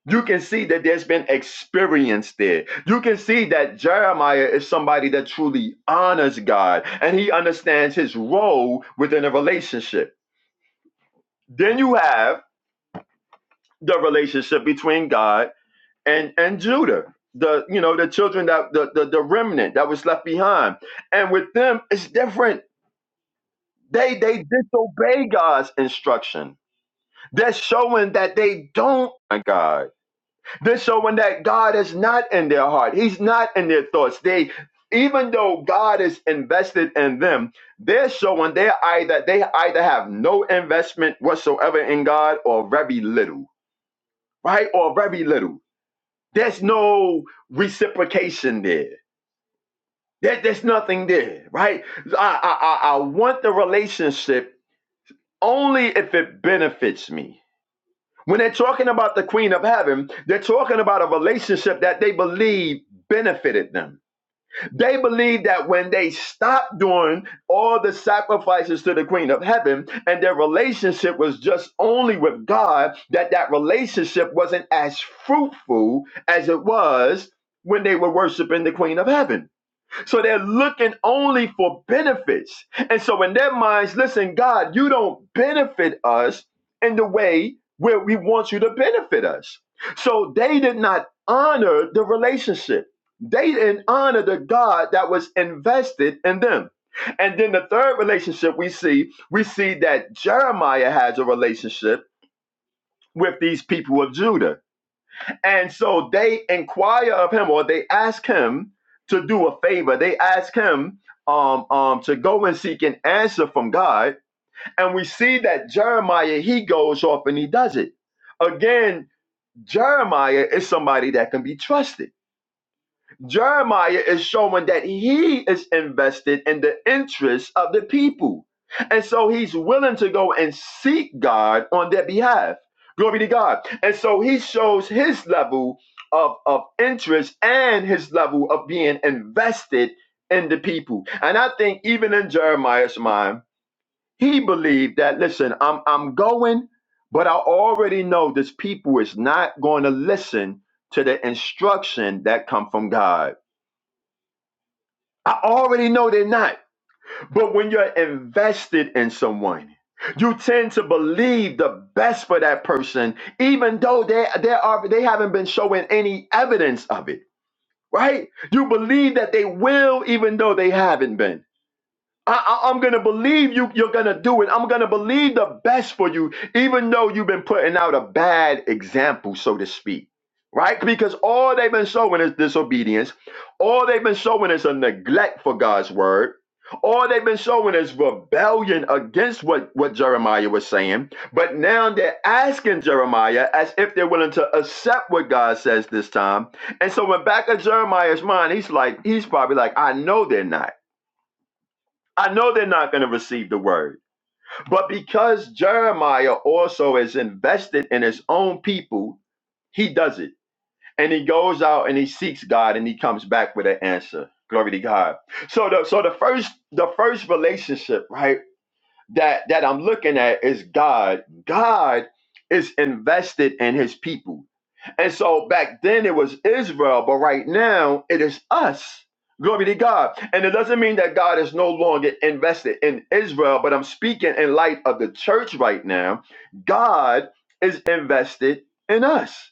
[SPEAKER 2] You can see that there's been experience there. You can see that Jeremiah is somebody that truly honors God and he understands his role within a relationship. Then you have the relationship between God and and Judah, the you know the children that the, the the remnant that was left behind, and with them it's different. They they disobey God's instruction. They're showing that they don't like God. They're showing that God is not in their heart. He's not in their thoughts. They even though God is invested in them, they're showing they either they either have no investment whatsoever in God or very little, right? Or very little. There's no reciprocation there There, there's nothing there, right? I, I, I I want the relationship only if it benefits me. When they're talking about the Queen of Heaven, they're talking about a relationship that they believe benefited them. They believe that when they stopped doing all the sacrifices to the Queen of Heaven and their relationship was just only with God, that that relationship wasn't as fruitful as it was when they were worshiping the Queen of Heaven. So they're looking only for benefits. And so in their minds, listen, God, you don't benefit us in the way where we want you to benefit us. So they did not honor the relationship. They didn't honor the God that was invested in them. And then the third relationship we see, we see that Jeremiah has a relationship with these people of Judah. And so they inquire of him, or they ask him to do a favor. They ask him um, um, to go and seek an answer from God. And we see that Jeremiah, he goes off and he does it. Again, Jeremiah is somebody that can be trusted. Jeremiah is showing that he is invested in the interests of the people. And so he's willing to go and seek God on their behalf. Glory to God. And so he shows his level of, of interest and his level of being invested in the people. And I think even in Jeremiah's mind, he believed that, listen, I'm, I'm going, but I already know this people is not going to listen to the instruction that come from God. I already know they're not. But when you're invested in someone, you tend to believe the best for that person, even though they they are they haven't been showing any evidence of it. Right? You believe that they will, even though they haven't been. I, I, am going to believe you, you're going to do it. I'm going to believe the best for you, even though you've been putting out a bad example, so to speak. Right? Because all they've been showing is disobedience. All they've been showing is a neglect for God's word. All they've been showing is rebellion against what, what Jeremiah was saying. But now they're asking Jeremiah as if they're willing to accept what God says this time. And so when back of Jeremiah's mind, he's like, he's probably like, I know they're not. I know they're not going to receive the word. But because Jeremiah also is invested in his own people, he does it. And he goes out and he seeks God and he comes back with an answer. Glory to God. So the so the first the first relationship, right, that that I'm looking at is God. God is invested in his people. And so back then it was Israel, but right now it is us. Glory to God. And it doesn't mean that God is no longer invested in Israel, but I'm speaking in light of the church right now. God is invested in us.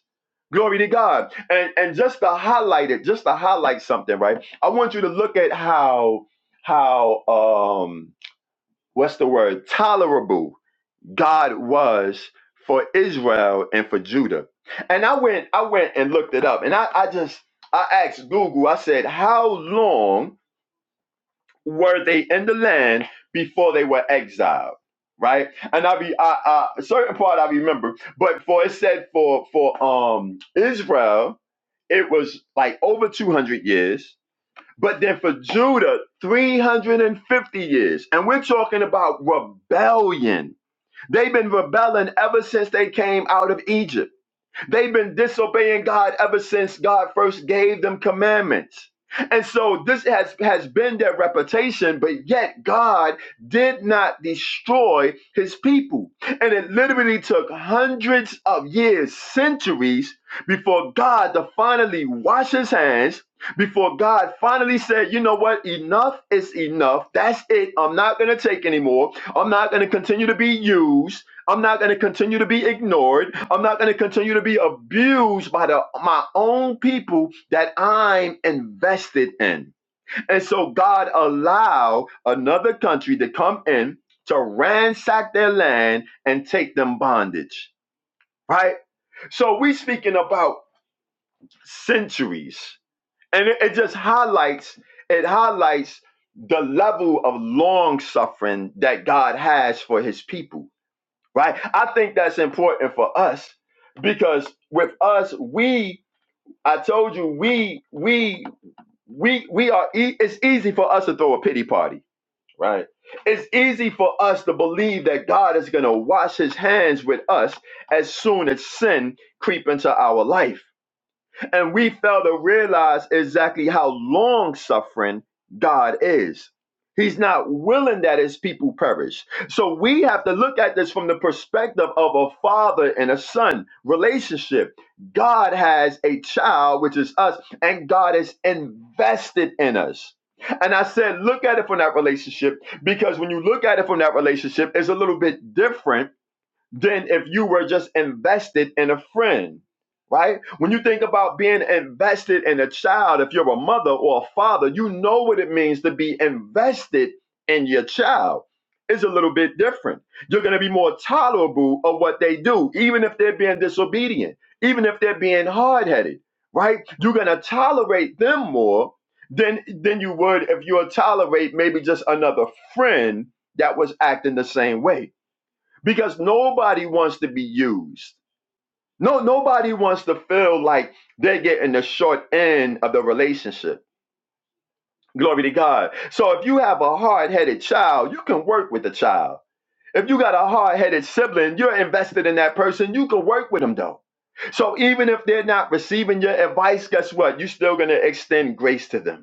[SPEAKER 2] Glory to God. And and just to highlight it, just to highlight something, right? I want you to look at how how um what's the word? Tolerable God was for Israel and for Judah. And I went, I went and looked it up. And I, I just I asked Google, I said, how long were they in the land before they were exiled? Right? And I be I, I a certain part I remember, but for it said for for um Israel, it was like over 200 years. But then for Judah, 350 years. And we're talking about rebellion They've been rebelling ever since they came out of Egypt. They've been disobeying God ever since God first gave them commandments. And so this has, has been their reputation, but yet God did not destroy his people. And it literally took hundreds of years, centuries, before God to finally wash his hands, before God finally said, you know what, enough is enough. That's it. I'm not going to take anymore. I'm not going to continue to be used. I'm not going to continue to be ignored. I'm not going to continue to be abused by the my own people that I'm invested in. And so God allowed another country to come in to ransack their land and take them bondage. Right? So we speaking about centuries. And it, it just highlights it highlights the level of long suffering that God has for his people right? I think that's important for us because with us, we, I told you, we, we, we, we are, e- it's easy for us to throw a pity party, right? It's easy for us to believe that God is going to wash his hands with us as soon as sin creep into our life and we fail to realize exactly how long suffering God is. He's not willing that his people perish. So we have to look at this from the perspective of a father and a son relationship. God has a child, which is us, and God is invested in us. And I said, look at it from that relationship because when you look at it from that relationship, it's a little bit different than if you were just invested in a friend, right? When you think about being invested in a child, if you're a mother or a father, you know what it means to be invested in your child. It's a little bit different. You're going to be more tolerable of what they do, even if they're being disobedient, even if they're being hard headed, right? You're going to tolerate them more than, than you would if you would tolerate maybe just another friend that was acting the same way because nobody wants to be used. No, nobody wants to feel like they're getting the short end of the relationship. Glory to God. So if you have a hard headed child, you can work with the child. If you got a hard headed sibling, you're invested in that person, you can work with them though. So even if they're not receiving your advice, guess what? You're still going to extend grace to them.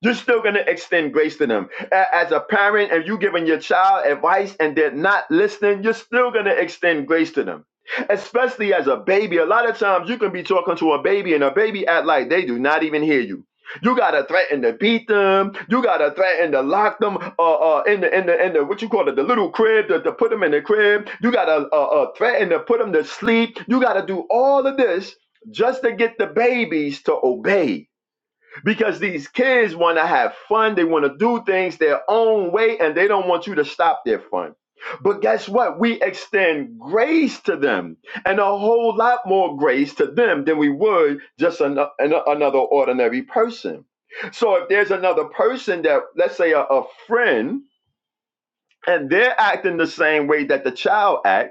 [SPEAKER 2] You're still going to extend grace to them. A- As a parent, if you're giving your child advice and they're not listening, you're still going to extend grace to them. Especially as a baby, a lot of times you can be talking to a baby and a baby act like they do not even hear you. You gotta threaten to beat them. You gotta threaten to lock them uh, uh, in the in the in the what you call it the little crib to, to put them in the crib. You gotta uh, uh, threaten to put them to sleep. You gotta do all of this just to get the babies to obey because these kids want to have fun. They want to do things their own way and they don't want you to stop their fun. But guess what? We extend grace to them and a whole lot more grace to them than we would just an, an- another ordinary person. So if there's another person that, let's say, a, a friend, and they're acting the same way that the child acts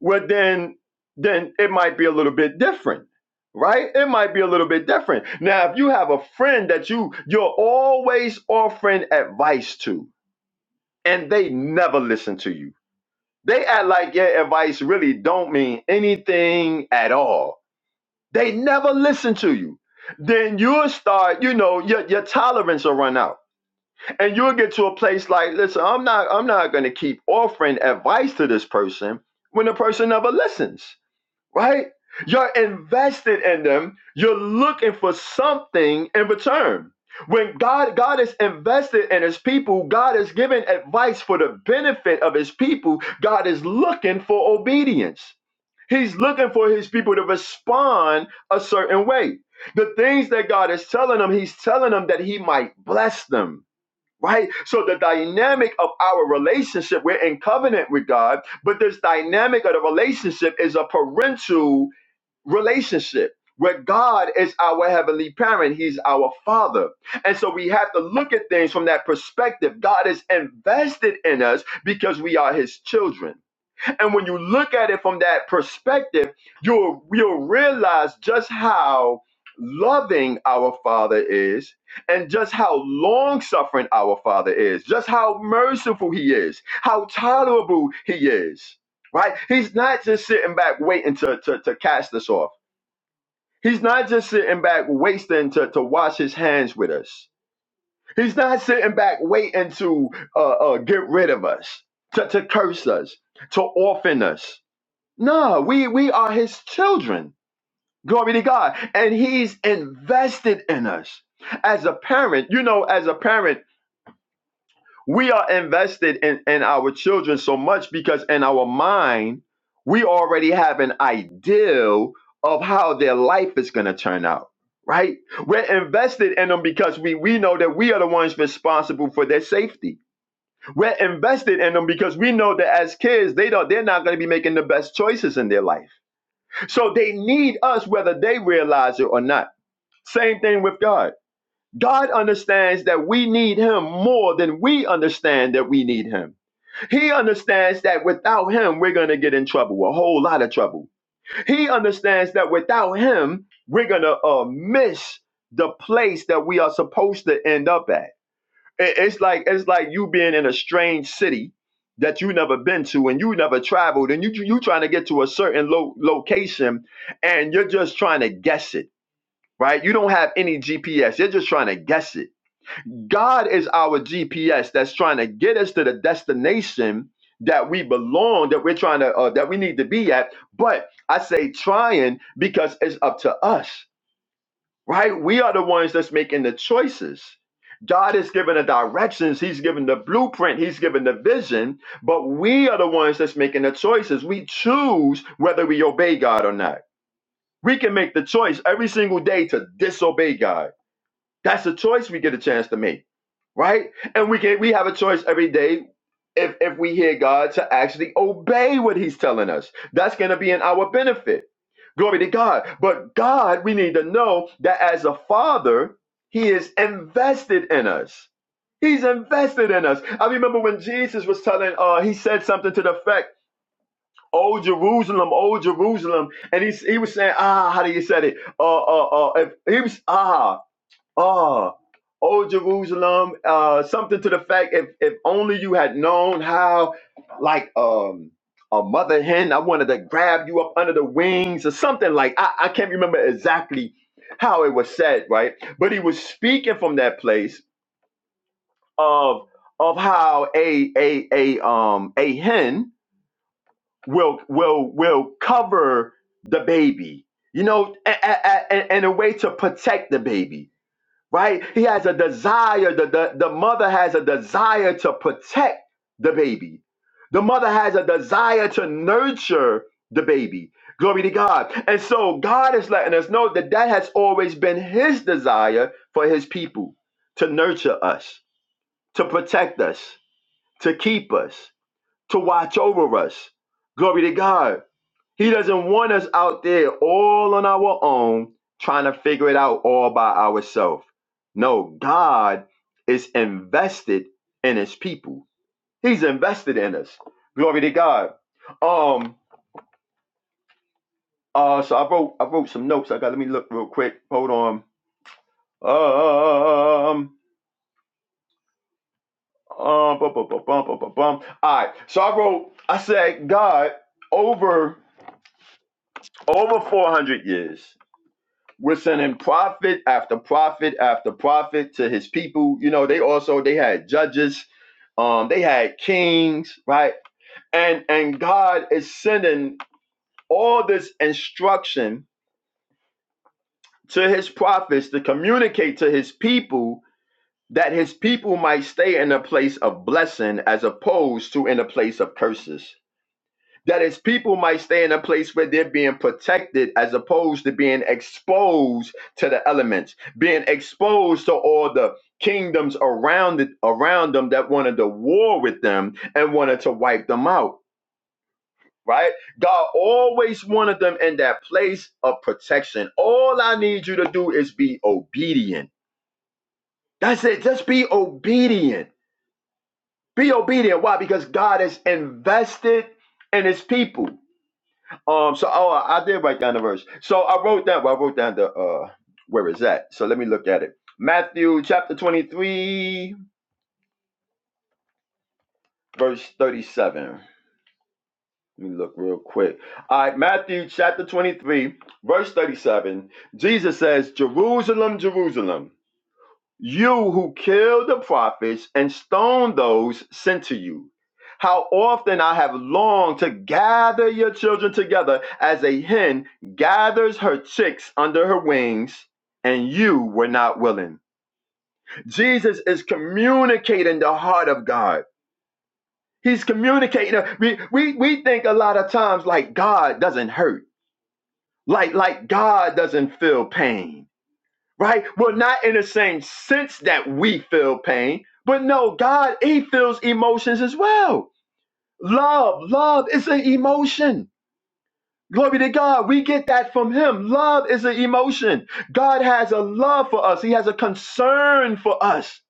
[SPEAKER 2] well then then it might be a little bit different right it might be a little bit different now if you have a friend that you you're always offering advice to and they never listen to you they act like your advice really don't mean anything at all they never listen to you then you'll start you know your, your tolerance will run out and you'll get to a place like listen i'm not i'm not going to keep offering advice to this person when the person never listens right? You're invested in them. You're looking for something in return. When God God is invested in his people, God is giving advice for the benefit of his people. God is looking for obedience. He's looking for his people to respond a certain way. The things that God is telling them, he's telling them that he might bless them. Right? So the dynamic of our relationship, we're in covenant with God, but this dynamic of the relationship is a parental relationship where God is our heavenly parent, He's our Father. And so we have to look at things from that perspective. God is invested in us because we are His children. And when you look at it from that perspective, you'll, you'll realize just how loving our Father is and just how long suffering our Father is, just how merciful He is, how tolerable He is. Right? He's not just sitting back waiting to, to, to cast us off. He's not just sitting back wasting to, to wash his hands with us. He's not sitting back waiting to uh, uh, get rid of us, to, to curse us, to orphan us. No, we, we are his children. Glory to God. And he's invested in us. As a parent, you know, as a parent, we are invested in, in our children so much because in our mind, we already have an ideal of how their life is going to turn out, right? We're invested in them because we, we know that we are the ones responsible for their safety. We're invested in them because we know that as kids, they don't, they're not going to be making the best choices in their life. So they need us whether they realize it or not. Same thing with God. God understands that we need him more than we understand that we need him. He understands that without him, we're going to get in trouble, a whole lot of trouble. He understands that without him, we're going to uh, miss the place that we are supposed to end up at. I- It's like it's like you being in a strange city that you never been to and you never traveled and you you trying to get to a certain lo- location and you're just trying to guess it, right? You don't have any GPS. You're just trying to guess it God is our GPS that's trying to get us to the destination that we belong, that we're trying to, uh, that we need to be at. But I say trying because it's up to us, right? We are the ones that's making the choices. God has given the directions, He's given the blueprint, He's given the vision, but we are the ones that's making the choices. We choose whether we obey God or not. We can make the choice every single day to disobey God that's a choice we get a chance to make, right? And we get we have a choice every day if if we hear God to actually obey what He's telling us. That's going to be in our benefit. Glory to God. But God, we need to know that as a Father, He is invested in us. He's invested in us. I remember when Jesus was telling, uh, he said something to the effect, "Oh Jerusalem, oh Jerusalem," and he he was saying, ah, how do you say it? Uh, uh, uh, if he was ah. Ah, oh Jerusalem, uh, something to the fact if if only you had known how, like um a mother hen, I wanted to grab you up under the wings or something like I, I can't remember exactly how it was said, right? But he was speaking from that place of of how a a a um a hen will will will cover the baby, you know, a, a, a, a- in a way to protect the baby right? He has a desire, the, the, the mother has a desire to protect the baby. The mother has a desire to nurture the baby. Glory to God. And so God is letting us know that that has always been his desire for his people to nurture us, to protect us, to keep us, to watch over us. Glory to God. He doesn't want us out there all on our own trying to figure it out all by ourselves. No, God is invested in his people. He's invested in us. Glory to God. Um uh so I wrote I wrote some notes. I got let me look real quick. Hold on. Um um bum, bum, bum, bum, bum, bum, bum. All right. So I wrote I said God over over 400 years. We're sending prophet after prophet after prophet to his people. You know, they also they had judges, um, they had kings, right? And and God is sending all this instruction to his prophets to communicate to his people that his people might stay in a place of blessing as opposed to in a place of curses that his people might stay in a place where they're being protected as opposed to being exposed to the elements, being exposed to all the kingdoms around it, around them that wanted to war with them and wanted to wipe them out. Right? God always wanted them in that place of protection. All I need you to do is be obedient. That's it. Just be obedient. Be obedient. Why? Because God is invested in his people. Um. So, oh, I did write down the verse. So I wrote down. Well, I wrote down the uh where is that? So let me look at it. Matthew chapter twenty-three, verse thirty-seven. Let me look real quick. All right, Matthew chapter 23, verse 37. Jesus says, Jerusalem, Jerusalem. You who killed the prophets and stoned those sent to you. How often I have longed to gather your children together as a hen gathers her chicks under her wings, and you were not willing. Jesus is communicating the heart of God. He's communicating. We, we, we think a lot of times like God doesn't hurt, like, like God doesn't feel pain right? Well, not in the same sense that we feel pain, but no, God, He feels emotions as well. Love, love is an emotion. Glory to God. We get that from Him. Love is an emotion. God has a love for us, He has a concern for us,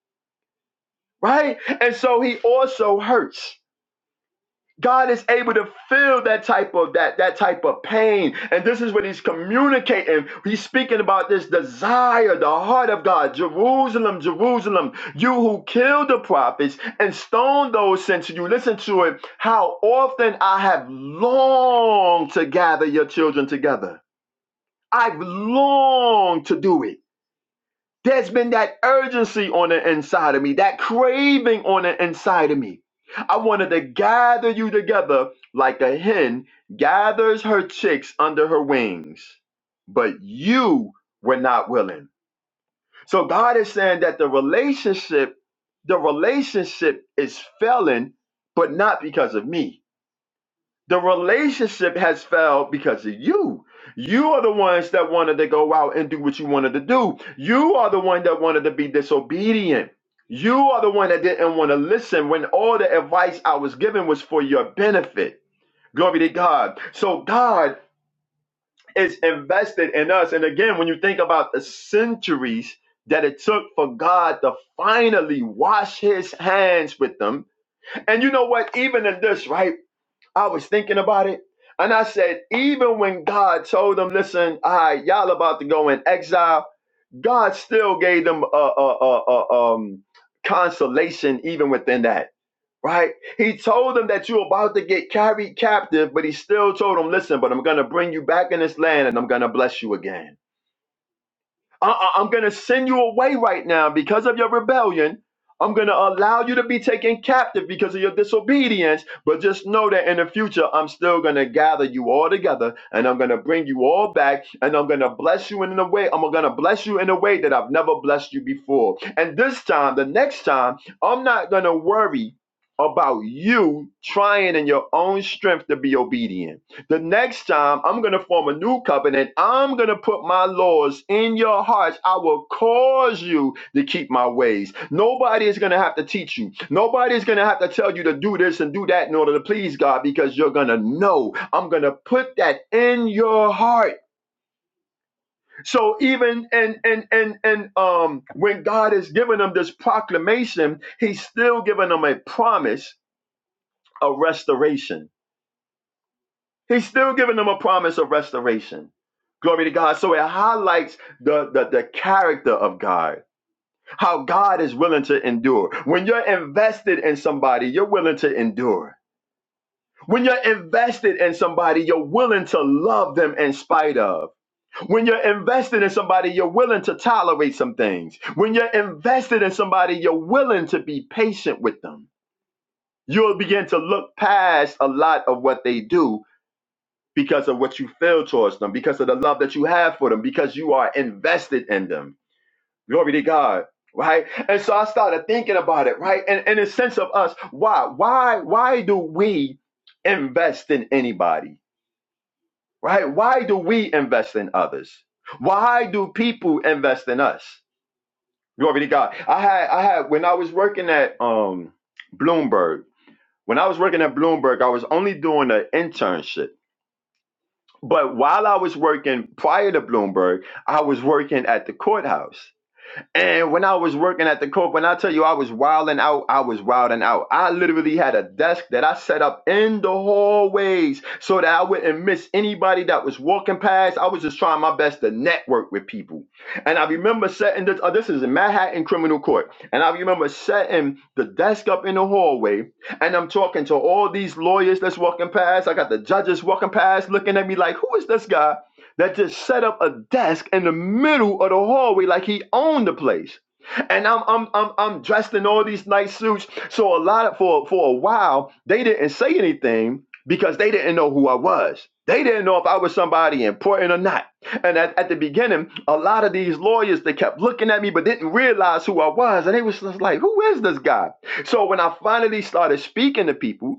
[SPEAKER 2] right? And so He also hurts. God is able to feel that type of that that type of pain. And this is what he's communicating. He's speaking about this desire, the heart of God. Jerusalem, Jerusalem, you who killed the prophets and stoned those sent to you. Listen to it. How often I have longed to gather your children together. I've longed to do it. There's been that urgency on the inside of me, that craving on the inside of me. I wanted to gather you together like a hen gathers her chicks under her wings, but you were not willing. So God is saying that the relationship, the relationship is failing, but not because of me. The relationship has failed because of you. You are the ones that wanted to go out and do what you wanted to do. You are the one that wanted to be disobedient. You are the one that didn't want to listen when all the advice I was given was for your benefit. Glory to God. So God is invested in us. And again, when you think about the centuries that it took for God to finally wash his hands with them, and you know what? Even in this, right? I was thinking about it. And I said, even when God told them, listen, all right, y'all about to go in exile, God still gave them uh, uh, uh, uh, um, consolation even within that, right? He told them that you're about to get carried captive, but he still told them, listen, but I'm going to bring you back in this land and I'm going to bless you again I- am going to send you away right now because of your rebellion. I'm going to allow you to be taken captive because of your disobedience. But just know that in the future, I'm still going to gather you all together and I'm going to bring you all back and I'm going to bless you in a way. I'm going to bless you in a way that I've never blessed you before. And this time, the next time, I'm not going to worry about you trying in your own strength to be obedient. The next time I'm going to form a new covenant, I'm going to put my laws in your hearts. I will cause you to keep my ways. Nobody is going to have to teach you. Nobody is going to have to tell you to do this and do that in order to please God because you're going to know. I'm going to put that in your heart. So even and and and and um when God is giving them this proclamation, he's still giving them a promise of restoration He's still giving them a promise of restoration. Glory to God. So it highlights the, the, the character of God, how God is willing to endure. When you're invested in somebody, you're willing to endure. When you're invested in somebody, you're willing to love them in spite of. When you're invested in somebody, you're willing to tolerate some things. When you're invested in somebody, you're willing to be patient with them. You'll begin to look past a lot of what they do because of what you feel towards them, because of the love that you have for them, because you are invested in them. Glory to God. Right. And so I started thinking about it, right? And in a sense of us, why? Why why do we invest in anybody? Right? Why do we invest in others? Why do people invest in us? Glory to God. I had I had when I was working at um Bloomberg, when I was working at Bloomberg, I was only doing an internship But while I was working prior to Bloomberg, I was working at the courthouse. And when I was working at the Coke, when I tell you I was wilding out, I was wilding out. I literally had a desk that I set up in the hallways so that I wouldn't miss anybody that was walking past. I was just trying my best to network with people. And I remember setting this, oh, this is in Manhattan Criminal Court. And I remember setting the desk up in the hallway and I'm talking to all these lawyers that's walking past. I got the judges walking past looking at me like, who is this guy? that just set up a desk in the middle of the hallway like he owned the place. And I'm I'm I'm I'm dressed in all these nice suits. So a lot of for for a while they didn't say anything because they didn't know who I was. They didn't know if I was somebody important or not. And at, at the beginning, a lot of these lawyers they kept looking at me but didn't realize who I was. And they was just like, who is this guy? So when I finally started speaking to people,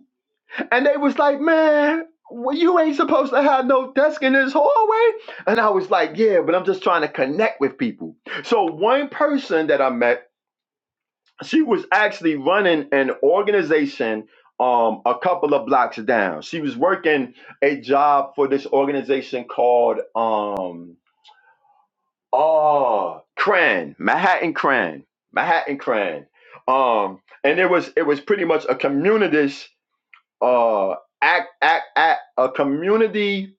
[SPEAKER 2] and they was like, man, well, you ain't supposed to have no desk in this hallway. And I was like, yeah, but I'm just trying to connect with people. So one person that I met, she was actually running an organization um a couple of blocks down. She was working a job for this organization called um oh Cran, Manhattan Cran, Manhattan Cran. Um and it was it was pretty much a communist uh, act, act, act, a community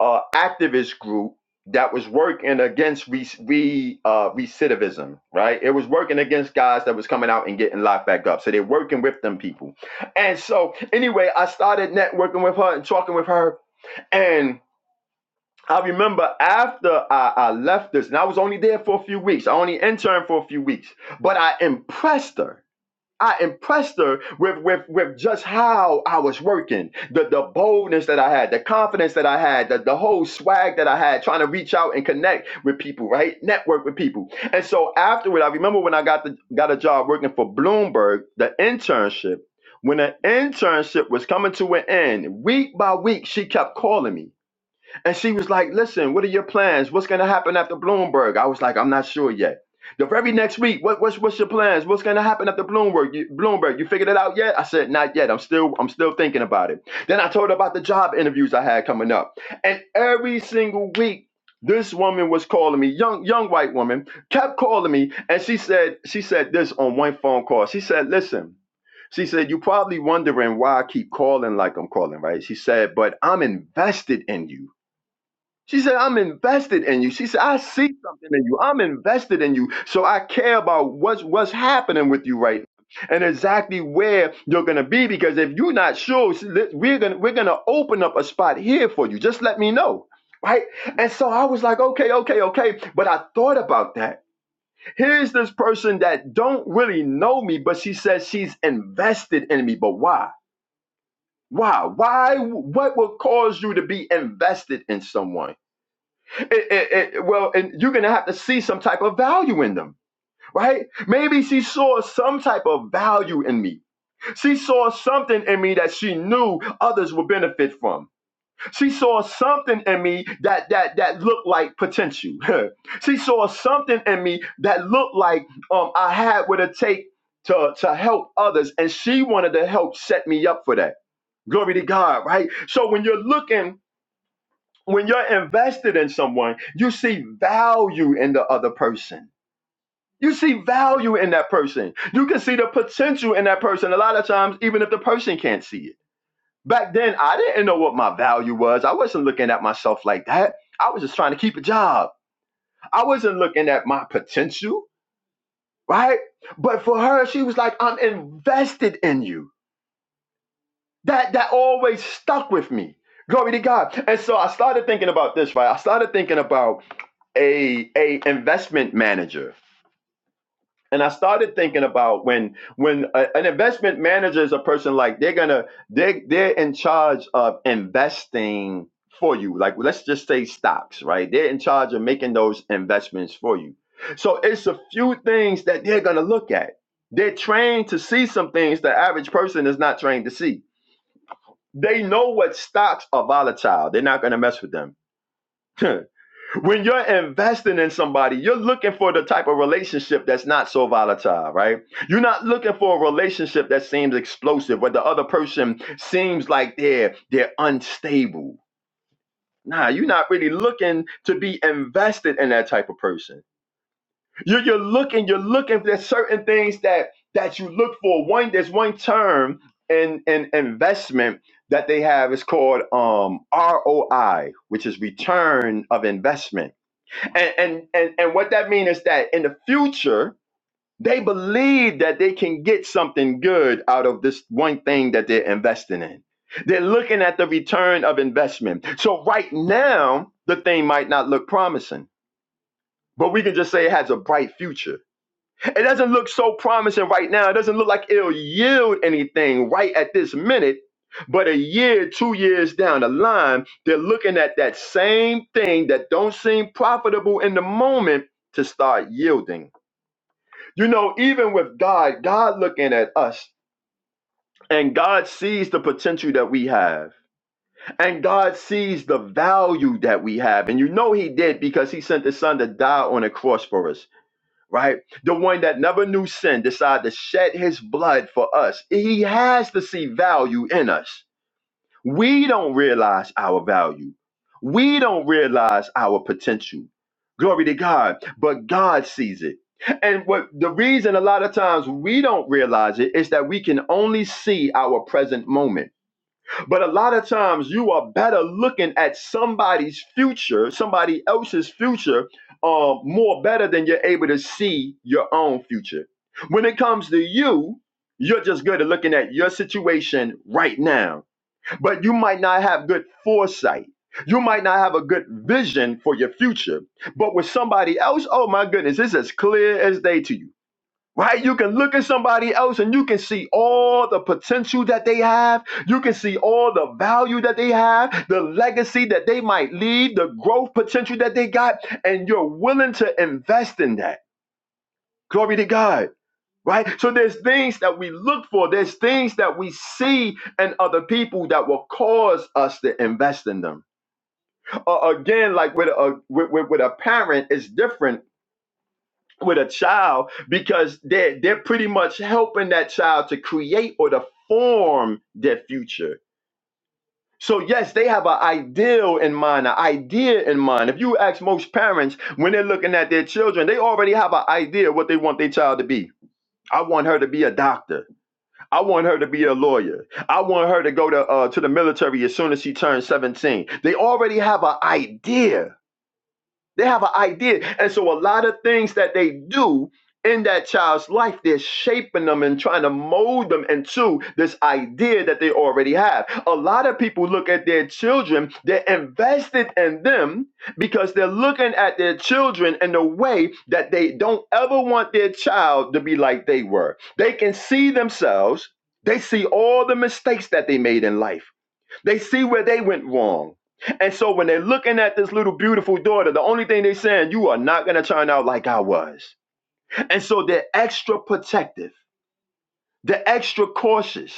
[SPEAKER 2] uh, activist group that was working against re, re, uh, recidivism, right? It was working against guys that was coming out and getting locked back up. So they're working with them people. And so, anyway, I started networking with her and talking with her. And I remember after I, I left this, and I was only there for a few weeks, I only interned for a few weeks, but I impressed her I impressed her with, with, with just how I was working, the, the boldness that I had, the confidence that I had, the, the whole swag that I had, trying to reach out and connect with people, right? Network with people. And so afterward, I remember when I got the got a job working for Bloomberg, the internship. When the internship was coming to an end, week by week, she kept calling me. And she was like, listen, what are your plans? What's going to happen after Bloomberg? I was like, I'm not sure yet. The very next week, what, what's what's your plans? What's going to happen after Bloomberg? You, Bloomberg, you figured it out yet? I said, not yet. I'm still I'm still thinking about it. Then I told her about the job interviews I had coming up, and every single week, this woman was calling me, young young white woman, kept calling me, and she said she said this on one phone call. She said, listen, she said, you're probably wondering why I keep calling like I'm calling, right? She said, but I'm invested in you. She said, I'm invested in you. She said, I see something in you. I'm invested in you. So I care about what's what's happening with you right now and exactly where you're gonna be. Because if you're not sure, see, li- we're gonna we're gonna open up a spot here for you. Just let me know. Right? And so I was like, okay, okay, okay. But I thought about that. Here's this person that don't really know me, but she says she's invested in me. But why? Why? Why? What would cause you to be invested in someone? it- it- it- well, and you're going to have to see some type of value in them, right? Maybe she saw some type of value in me. She saw something in me that she knew others would benefit from. She saw something in me that that that looked like potential. she saw something in me that looked like um, I had what it take to to help others, and she wanted to help set me up for that. Glory to God, right? So when you're looking when you're invested in someone, you see value in the other person. You see value in that person. You can see the potential in that person a lot of times, even if the person can't see it. Back then, I didn't know what my value was. I wasn't looking at myself like that. I was just trying to keep a job. I wasn't looking at my potential, right? But for her, she was like, I'm invested in you. That that always stuck with me. Glory to God. And so I started thinking about this, right? I started thinking about a a investment manager and i started thinking about when when a, an investment manager is a person like they're gonna they they're in charge of investing for you like let's just say stocks right they're in charge of making those investments for you so it's a few things that they're gonna look at they're trained to see some things the average person is not trained to see they know what stocks are volatile they're not gonna mess with them when you're investing in somebody, you're looking for the type of relationship that's not so volatile, right? You're not looking for a relationship that seems explosive, where the other person seems like they're they're unstable. Nah, you're not really looking to be invested in that type of person. You're, you're looking, you're looking. There's certain things that that you look for. One, there's one term in in investment that they have. It's called um, ROI, which is return of investment and, and and and what that means is that in the future, they believe that they can get something good out of this one thing that they're investing in. They're looking at the return of investment. So right now, the thing might not look promising, but we can just say it has a bright future it doesn't look so promising right now. It doesn't look like it'll yield anything right at this minute. But a year, two years down the line, they're looking at that same thing that don't seem profitable in the moment to start yielding. You know, even with God, God looking at us and God sees the potential that we have and God sees the value that we have. And you know He did because He sent His Son to die on a cross for us right? The one that never knew sin decided to shed his blood for us. He has to see value in us. We don't realize our value. We don't realize our potential. Glory to God. But God sees it. And what the reason a lot of times we don't realize it is that we can only see our present moment but a lot of times you are better looking at somebody's future, somebody else's future, uh, more better than you're able to see your own future. When it comes to you, you're just good at looking at your situation right now, but you might not have good foresight. You might not have a good vision for your future, but with somebody else, oh my goodness, it's as clear as day to you right? You can look at somebody else and you can see all the potential that they have. You can see all the value that they have, the legacy that they might leave, the growth potential that they got, and you're willing to invest in that. Glory to God. Right? So there's things that we look for, there's things that we see in other people that will cause us to invest in them. Uh, again, like with a with, with, with a parent, it's different with a child because they're they're pretty much helping that child to create or to form their future. So yes, they have an ideal in mind, an idea in mind. If you ask most parents when they're looking at their children, they already have an idea what they want their child to be. I want her to be a doctor. I want her to be a lawyer. I want her to go to uh, to the military as soon as she turns 17. They already have an idea they have an idea. And so a lot of things that they do in that child's life, they're shaping them and trying to mold them into this idea that they already have. A lot of people look at their children, they're invested in them because they're looking at their children in a way that they don't ever want their child to be like they were. They can see themselves, they see all the mistakes that they made in life they see where they went wrong. And so when they're looking at this little beautiful daughter, the only thing they're saying, you are not going to turn out like I was. And so they're extra protective, they're extra cautious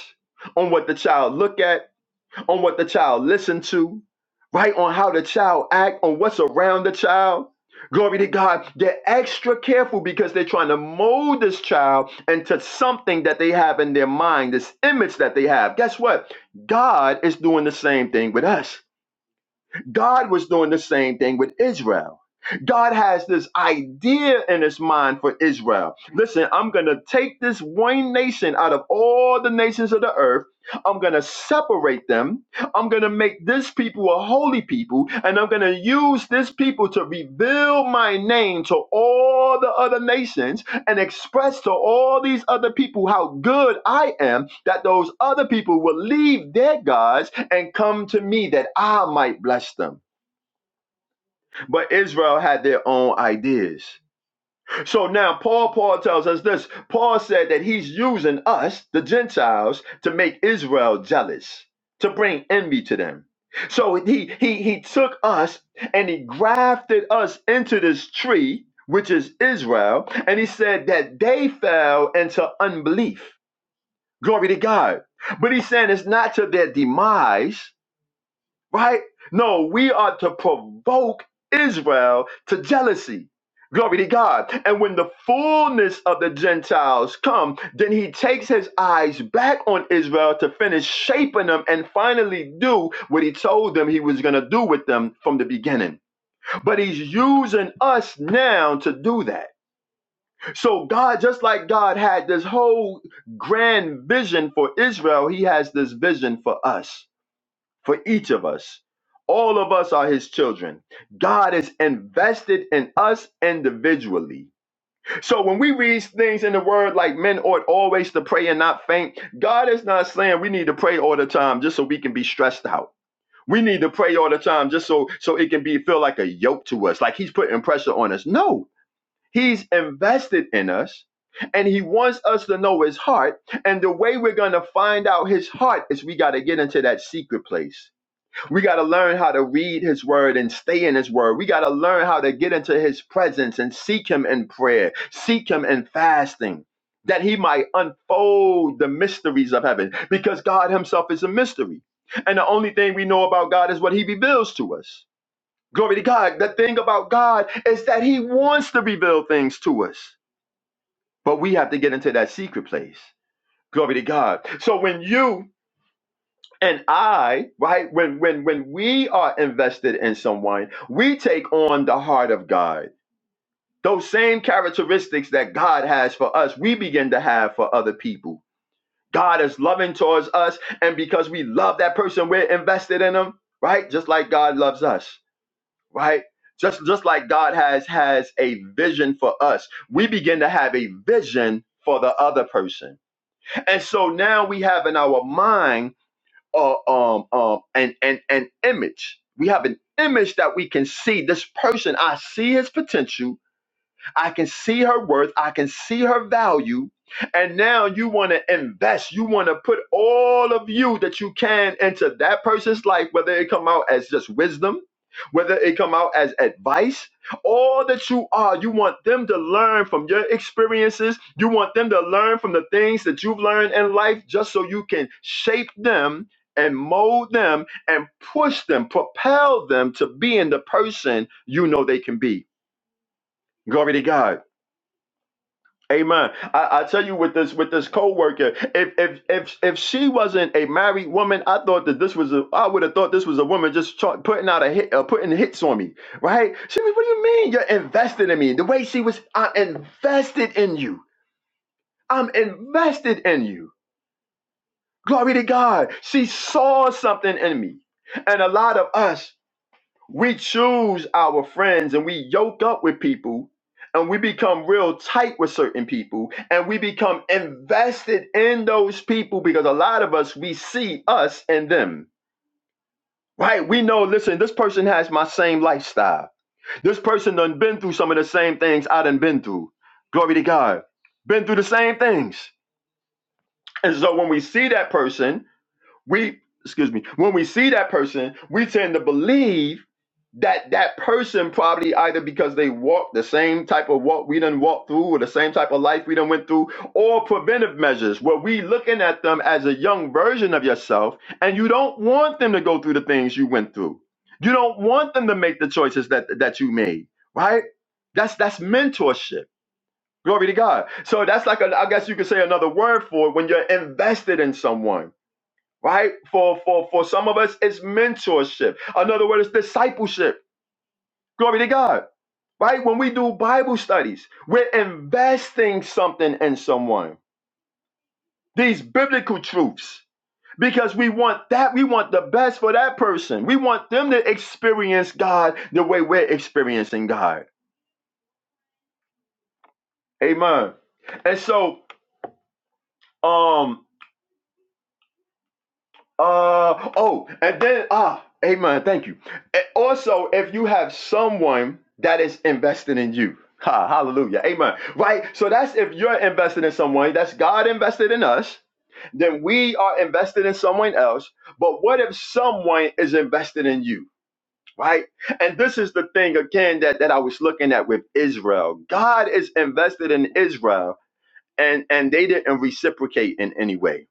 [SPEAKER 2] on what the child look at, on what the child listen to, right? On how the child act, on what's around the child. Glory to God. They're extra careful because they're trying to mold this child into something that they have in their mind, this image that they have. Guess what? God is doing the same thing with us. God was doing the same thing with Israel. God has this idea in his mind for Israel. Listen, I'm going to take this one nation out of all the nations of the earth. I'm going to separate them. I'm going to make this people a holy people, and I'm going to use this people to reveal my name to all the other nations and express to all these other people how good I am, that those other people will leave their gods and come to me that I might bless them. But Israel had their own ideas. So now Paul Paul tells us this. Paul said that he's using us, the Gentiles, to make Israel jealous, to bring envy to them. So he he he took us and he grafted us into this tree, which is Israel, and he said that they fell into unbelief. Glory to God. But he's saying it's not to their demise right? No, we are to provoke Israel to jealousy. Glory to God. And when the fullness of the Gentiles come, then he takes his eyes back on Israel to finish shaping them and finally do what he told them he was going to do with them from the beginning. But he's using us now to do that. So God, just like God had this whole grand vision for Israel, he has this vision for us for each of us. All of us are his children. God is invested in us individually. So when we read things in the word like men ought always to pray and not faint, God is not saying we need to pray all the time just so we can be stressed out. We need to pray all the time just so so it can be feel like a yoke to us, like he's putting pressure on us. No, he's invested in us and he wants us to know his heart. And the way we're gonna find out his heart is we gotta get into that secret place we got to learn how to read his word and stay in his word. We got to learn how to get into his presence and seek him in prayer, seek him in fasting, that he might unfold the mysteries of heaven because God himself is a mystery. And the only thing we know about God is what he reveals to us. Glory to God. The thing about God is that he wants to reveal things to us, but we have to get into that secret place. Glory to God. So when you and I, right, when when when we are invested in someone, we take on the heart of God. Those same characteristics that God has for us, we begin to have for other people. God is loving towards us, and because we love that person, we're invested in them, right? Just like God loves us, right? Just just like God has has a vision for us, we begin to have a vision for the other person. And so now we have in our mind uh, um, um, an, an, an image. We have an image that we can see. This person, I see his potential. I can see her worth. I can see her value. And now you want to invest. You want to put all of you that you can into that person's life, whether it come out as just wisdom, whether it come out as advice, all that you are. You want them to learn from your experiences. You want them to learn from the things that you've learned in life, just so you can shape them and mold them and push them, propel them to being the person you know they can be. Glory to God. Amen. I, I tell you with this with this coworker, if if if if she wasn't a married woman, I thought that this was a I would have thought this was a woman just tra- putting out a hit uh, putting hits on me, right? She was, what do you mean you're invested in me? The way she was, I'm invested in you. I'm invested in you. Glory to God. She saw something in me. And a lot of us we choose our friends and we yoke up with people and we become real tight with certain people and we become invested in those people because a lot of us, we see us and them. Right? We know, listen, this person has my same lifestyle. This person done been through some of the same things I done been through. Glory to God. Been through the same things. And so when we see that person, we, excuse me, when we see that person, we tend to believe that that person probably either because they walked the same type of walk we done walked through or the same type of life we done went through or preventive measures where we looking at them as a young version of yourself and you don't want them to go through the things you went through you don't want them to make the choices that that you made right that's that's mentorship glory to god so that's like a, i guess you could say another word for it when you're invested in someone right for for for some of us it's mentorship another word is discipleship Glory to God. Right? When we do Bible studies, we're investing something in someone, these biblical truths, because we want that. We want the best for that person. We want them to experience God the way we're experiencing God. Amen. And so, um, Uh oh, and then ah, amen. Thank you. And also, if you have someone that is invested in you. Ha, hallelujah. Amen. Right? So that's if you're invested in someone, that's God invested in us, then we are invested in someone else. But what if someone is invested in you? Right? And this is the thing again that, that I was looking at with Israel. God is invested in Israel and, and they didn't reciprocate in any way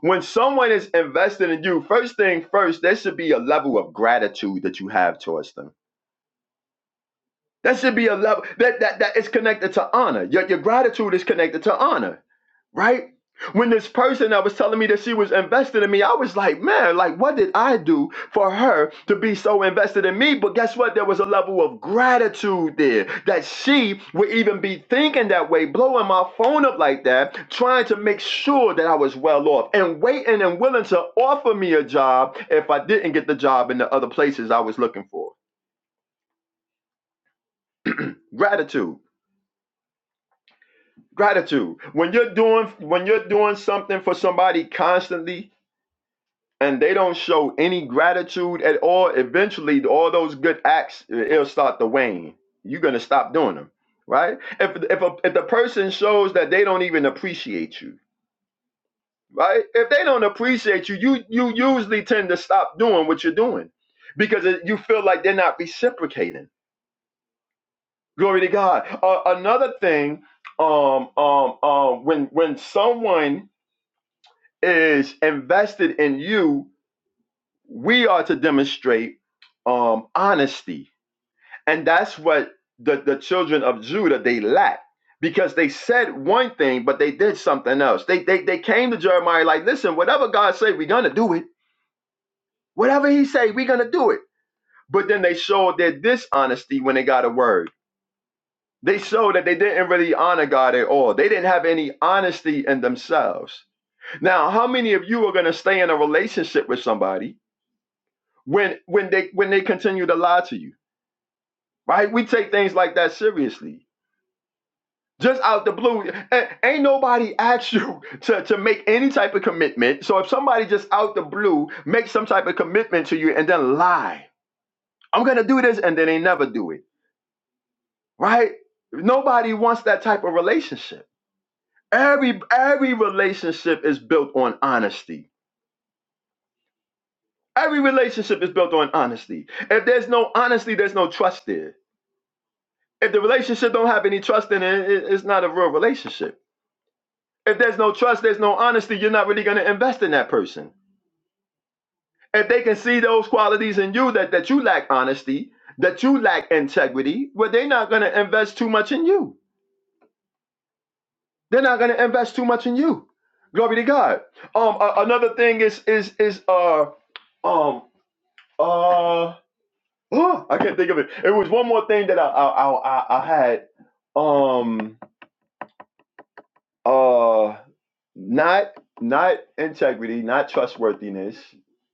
[SPEAKER 2] when someone is invested in you, first thing first, there should be a level of gratitude that you have towards them. That should be a level that that that is connected to honor. Your, your gratitude is connected to honor, right? When this person that was telling me that she was invested in me, I was like, man, like what did I do for her to be so invested in me? But guess what? There was a level of gratitude there that she would even be thinking that way, blowing my phone up like that, trying to make sure that I was well off and waiting and willing to offer me a job if I didn't get the job in the other places I was looking for. Gratitude. gratitude when you're doing when you're doing something for somebody constantly and they don't show any gratitude at all eventually all those good acts eh, it'll start to wane you're gonna stop doing them right if if, a, if the person shows that they don't even appreciate you right if they don't appreciate you you you usually tend to stop doing what you're doing because it, you feel like they're not reciprocating glory to god uh, another thing um um um when when someone is invested in you, we are to demonstrate um, honesty. And that's what the, the children of Judah they lack because they said one thing, but they did something else. They they they came to Jeremiah like, listen, whatever God say, we're gonna do it. Whatever he say, we're gonna do it. But then they showed their dishonesty when they got a word. They showed that they didn't really honor God at all. They didn't have any honesty in themselves. Now, how many of you are going to stay in a relationship with somebody when when they when they continue to lie to you right we take things like that seriously just out the blue ain't nobody asked you to, to make any type of commitment so if somebody just out the blue makes some type of commitment to you and then lie i'm gonna do this and then they never do it right nobody wants that type of relationship every every relationship is built on honesty every relationship is built on honesty if there's no honesty there's no trust there If the relationship don't have any trust in it, it's not a real relationship. If there's no trust, there's no honesty, you're not really going to invest in that person. If they can see those qualities in you that, that you lack honesty, that you lack integrity, well, they're not going to invest too much in you. They're not going to invest too much in you. Glory to God. Um, a- another thing is is is uh um uh oh, I can't think of it. It was one more thing that I I I, I I had. Um, Uh, not not integrity, not trustworthiness,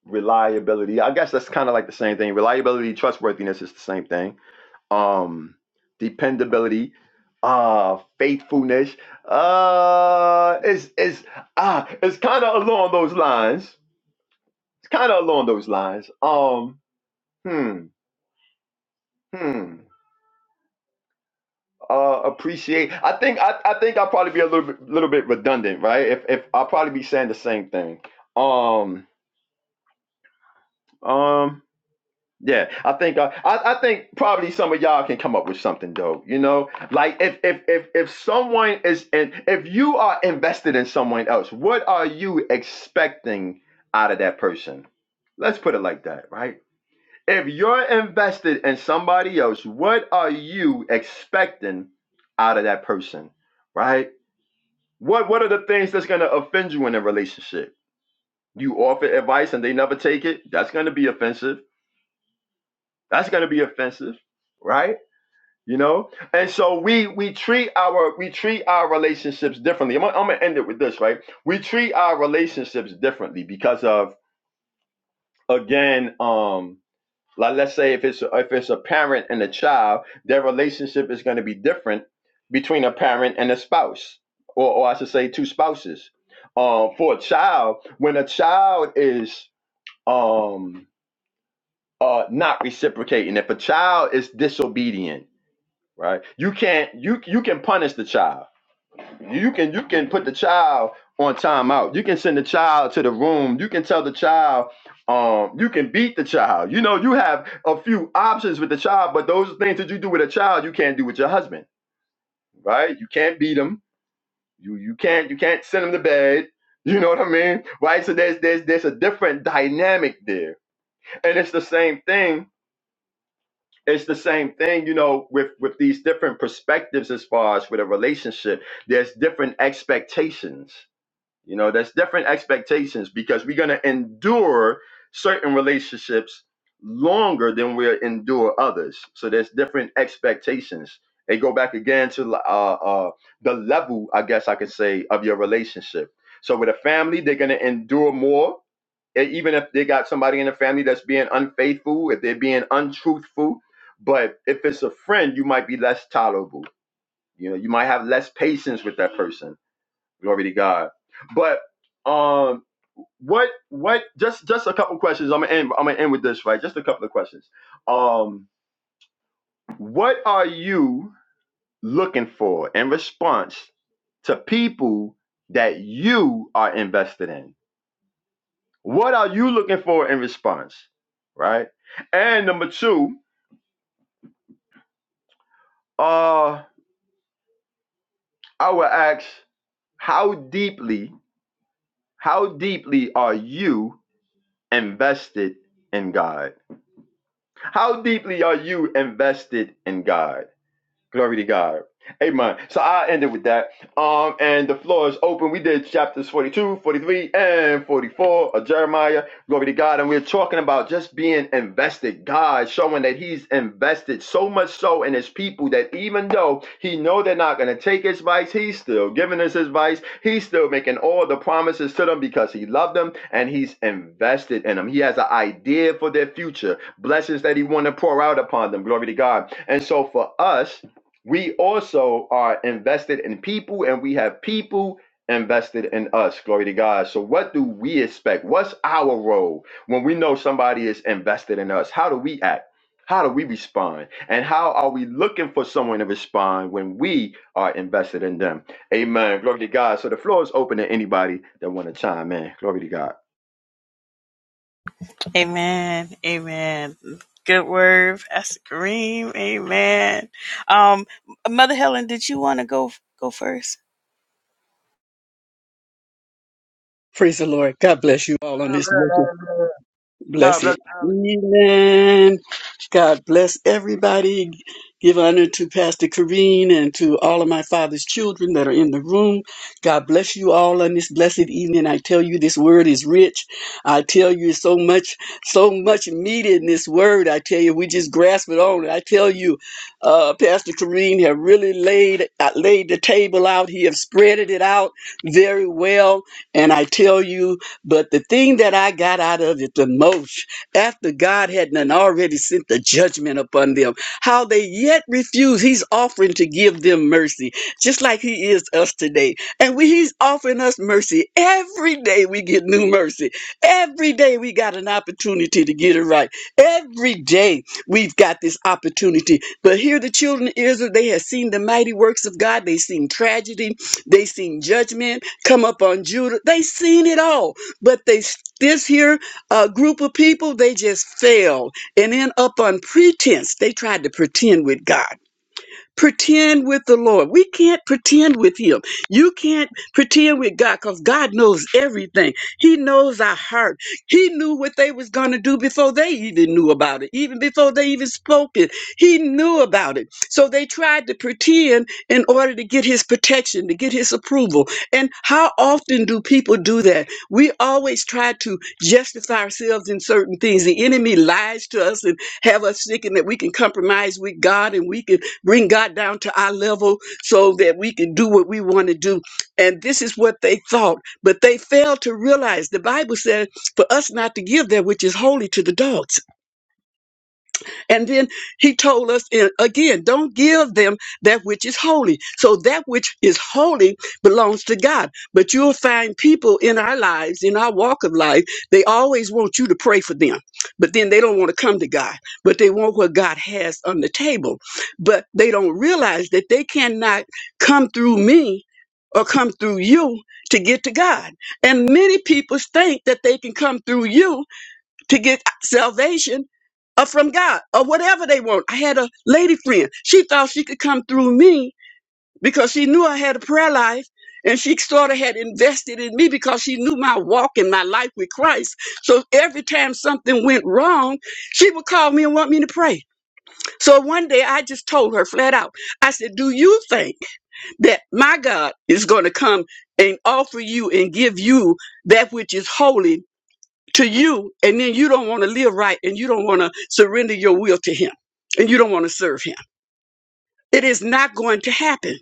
[SPEAKER 2] reliability. I guess that's kind of like the same thing. Reliability, trustworthiness is the same thing. Um, dependability, uh, faithfulness. Uh, is is ah, it's kind of along those lines. It's kind of along those lines. Um, hmm, hmm. Uh, appreciate. I think I, I think I'll probably be a little bit, little bit redundant, right? If if I'll probably be saying the same thing. Um Um, yeah, I think uh, I, I think probably some of y'all can come up with something though. You know, like if if if if someone is and if you are invested in someone else, what are you expecting out of that person? Let's put it like that, right? If you're invested in somebody else, what are you expecting out of that person, right? What what are the things that's gonna offend you in a relationship? You offer advice and they never take it. That's gonna be offensive That's going to be offensive, right? You know, and so we we treat our we treat our relationships differently. I'm, gonna- I'm gonna end it with this, right? We treat our relationships differently because of again, um, like let's say if it's if it's a parent and a child, their relationship is going to be different between a parent and a spouse, or, or I should say, two spouses. Um, for a child, when a child is um uh not reciprocating, if a child is disobedient right? You can't you you can punish the child. You can you can put the child on timeout. You can send the child to the room. You can tell the child, um, you can beat the child. You know, you have a few options with the child, but those things that you do with a child, you can't do with your husband, right? You can't beat him. You you can't you can't send him to bed. You know what I mean, right? So there's there's there's a different dynamic there, and it's the same thing it's the same thing you know with with these different perspectives as far as with a relationship there's different expectations you know, there's different expectations because we're going to endure certain relationships longer than we'll endure others. So there's different expectations. They go back again to uh, uh, the level, I guess I could say, of your relationship. So with a family, they're going to endure more. E- Even if they got somebody in the family that's being unfaithful, if they're being untruthful, but if it's a friend, you might be less tolerable. You know, you might have less patience with that person Glory to God. But um what what just just a couple questions. I'm gonna end I'm gonna end with this, right? Just a couple of questions. Um what are you looking for in response to people that you are invested in? What are you looking for in response? Right? And number two, uh I will ask how deeply, how deeply are you invested in God? How deeply are you invested in God? Glory to God. Amen. So I ended with that. Um, and the floor is open. We did chapters 42, 43, and 44 of Jeremiah. Glory to God. And we're talking about just being invested. God showing that he's invested so much so in his people that even though he know they're not going to take his advice, he's still giving us his advice. He's still making all the promises to them because he loved them and he's invested in them. He has an idea for their future, blessings that he want to pour out upon them. Glory to God. And so for us, we also are invested in people and we have people invested in us. Glory to God. So, what do we expect? What's our role when we know somebody is invested in us? How do we act? How do we respond? And how are we looking for someone to respond when we are invested in them? Amen. Glory to God. So the floor is open to anybody that want to chime in. Glory to God.
[SPEAKER 1] Amen. Amen. Good word, Pastor Kareem. Amen. Um, Mother Helen, did you want to go go first?
[SPEAKER 4] Praise the Lord. God bless you all on this blessed,
[SPEAKER 2] God bless.
[SPEAKER 4] blessed evening. God bless everybody. Give honor to Pastor Kareen and to all of my father's children that are in the room. God bless you all on this blessed evening. I tell you, this word is rich. I tell you, so much, so much meat in this word. I tell you, we just grasp it on. I tell you, uh, Pastor Kareen have really laid uh, laid the table out. He have spreaded it out very well. And I tell you. But the thing that I got out of it the most, after God had done already sent the judgment upon them, how they yet refuse, He's offering to give them mercy, just like He is us today. And we, He's offering us mercy. Every day we get new mercy. Every day we got an opportunity to get it right. Every day we've got this opportunity. But here the children of Israel, they have seen the mighty works of God. They seen tragedy. They seen judgment come up on Judah. They seen it all but they s- this here uh, group of people they just failed and then up on pretense they tried to pretend with god pretend with the Lord. We can't pretend with Him. You can't pretend with God because God knows everything. He knows our heart. He knew what they was going to do before they even knew about it, even before they even spoke it. He knew about it. So they tried to pretend in order to get His protection, to get His approval. And how often do people do that? We always try to justify ourselves in certain things. The enemy lies to us and have us thinking that we can compromise with God and we can Bring God down to our level so that we can do what we want to do. And this is what they thought, but they failed to realize the Bible said for us not to give that which is holy to the dogs. And then he told us and again, don't give them that which is holy. So that which is holy belongs to God. But you'll find people in our lives, in our walk of life, they always want you to pray for them, but then they don't want to come to God, but they want what God has on the table. But they don't realize that they cannot come through me or come through you to get to God. And many people think that they can come through you to get salvation or from God or whatever they want. I had a lady friend. She thought she could come through me because she knew I had a prayer life and she sort of had invested in me because she knew my walk and my life with Christ. So every time something went wrong, she would call me and want me to pray. So one day I just told her flat out, I said, Do you think that my God is going to come and offer you and give you that which is holy? to you, and then you don't want to live right and you don't want to surrender your will to him and you don't want to serve him. It is not going to happen.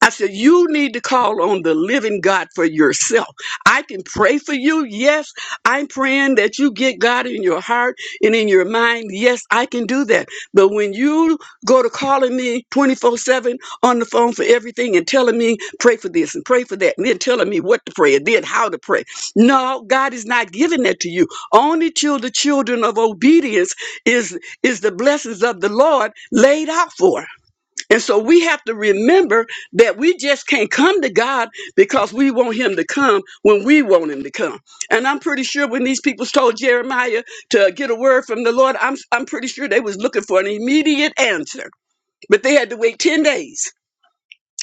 [SPEAKER 4] I said, You need to call on the living God for yourself. I can pray for you. Yes, I'm praying that you get God in your heart and in your mind. Yes, I can do that. But when you go to calling me 24 7 on the phone for everything and telling me, pray for this and pray for that, and then telling me what to pray and then how to pray, no, God is not giving that to you. Only to the children of obedience is, is the blessings of the Lord laid out for. And so we have to remember that we just can't come to God because we want him to come when we want him to come. And I'm pretty sure when these people told Jeremiah to get a word from the Lord, I'm I'm pretty sure they was looking for an immediate answer. But they had to wait 10 days.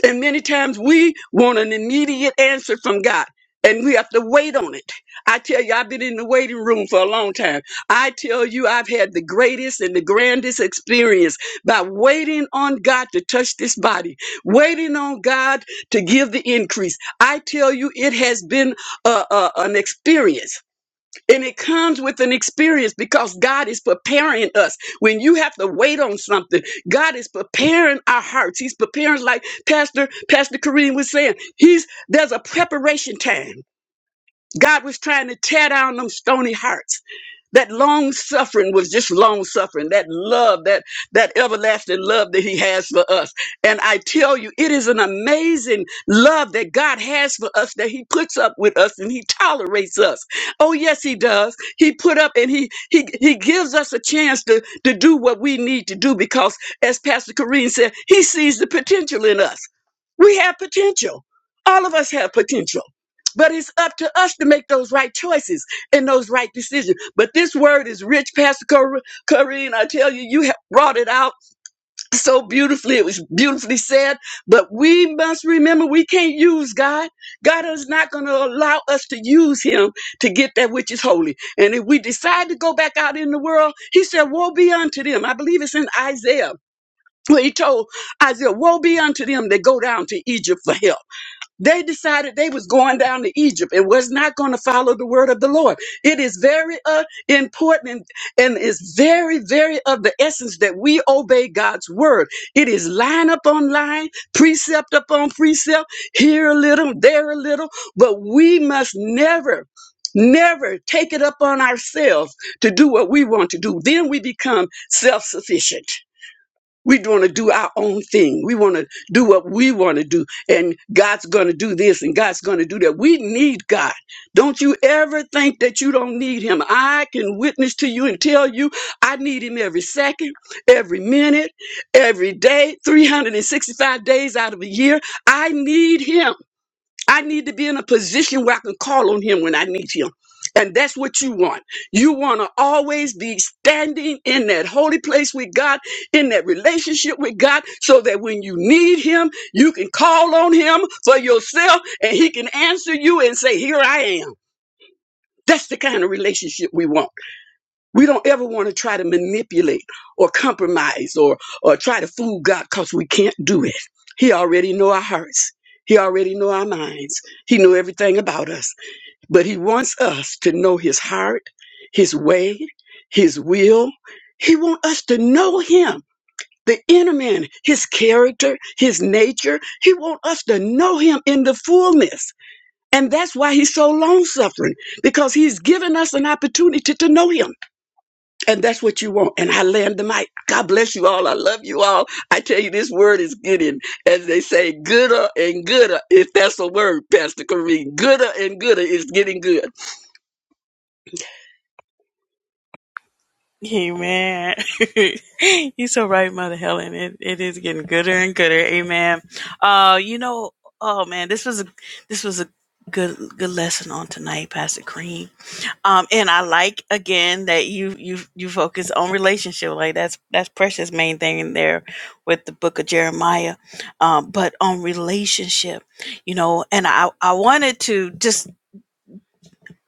[SPEAKER 4] And many times we want an immediate answer from God and we have to wait on it. I tell you, I've been in the waiting room for a long time. I tell you, I've had the greatest and the grandest experience by waiting on God to touch this body, waiting on God to give the increase. I tell you, it has been uh, uh, an experience. And it comes with an experience because God is preparing us. When you have to wait on something, God is preparing our hearts. He's preparing, like Pastor Pastor Kareem was saying, He's there's a preparation time. God was trying to tear down them stony hearts. That long suffering was just long suffering. That love, that that everlasting love that he has for us. And I tell you, it is an amazing love that God has for us that he puts up with us and he tolerates us. Oh yes, he does. He put up and he he he gives us a chance to to do what we need to do because as Pastor Corrine said, he sees the potential in us. We have potential. All of us have potential. But it's up to us to make those right choices and those right decisions. But this word is rich, Pastor Cor- Corrine. I tell you, you have brought it out so beautifully. It was beautifully said. But we must remember we can't use God. God is not going to allow us to use him to get that which is holy. And if we decide to go back out in the world, he said, woe be unto them. I believe it's in Isaiah. Where he told Isaiah, woe be unto them that go down to Egypt for help. They decided they was going down to Egypt and was not going to follow the word of the Lord. It is very uh, important and and it's very, very of the essence that we obey God's word. It is line up on line, precept upon precept, here a little, there a little, but we must never, never take it up on ourselves to do what we want to do. Then we become self-sufficient. We want to do our own thing. We want to do what we want to do. And God's going to do this and God's going to do that. We need God. Don't you ever think that you don't need Him. I can witness to you and tell you I need Him every second, every minute, every day, 365 days out of a year. I need Him. I need to be in a position where I can call on him when I need him. And that's what you want. You want to always be standing in that holy place with God, in that relationship with God, so that when you need him, you can call on him for yourself and he can answer you and say, Here I am. That's the kind of relationship we want. We don't ever want to try to manipulate or compromise or or try to fool God because we can't do it. He already know our hearts. He already know our minds. He know everything about us. But he wants us to know his heart, his way, his will. He wants us to know him, the inner man, his character, his nature. He wants us to know him in the fullness. And that's why he's so long suffering, because he's given us an opportunity to know him. And that's what you want. And I land the mic. God bless you all. I love you all. I tell you, this word is getting, as they say, gooder and gooder, if that's a word, Pastor Kareem. Gooder and gooder is getting good.
[SPEAKER 1] Amen. You're so right, Mother Helen. It, it is getting gooder and gooder. Amen. Uh, you know, oh man, this was a this was a good good lesson on tonight, Pastor Cream. Um, and I like again that you you you focus on relationship. Like that's that's precious main thing in there with the book of Jeremiah. Um, but on relationship, you know, and I I wanted to just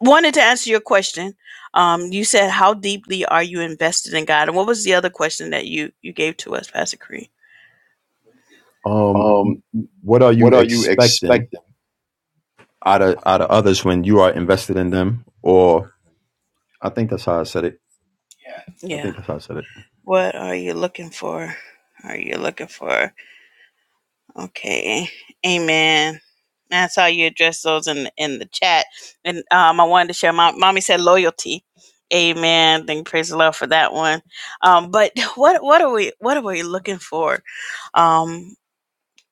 [SPEAKER 1] wanted to answer your question. Um, you said, "How deeply are you invested in God?" And what was the other question that you you gave to us, Pastor Cree?
[SPEAKER 2] Um,
[SPEAKER 1] Um,
[SPEAKER 2] what are you
[SPEAKER 1] what are you
[SPEAKER 2] expecting
[SPEAKER 1] expecting?
[SPEAKER 2] out of out of others when you are invested in them, or? I think that's how I said it. I
[SPEAKER 1] Yeah.
[SPEAKER 2] think that's how I said it.
[SPEAKER 1] What are you looking for? Are you looking for? Okay. Amen. That's how you address those in in the chat. And um, I wanted to share. My mommy said loyalty. Amen. Thank praise the Lord for that one. Um, but what what are we what are we looking for? Um,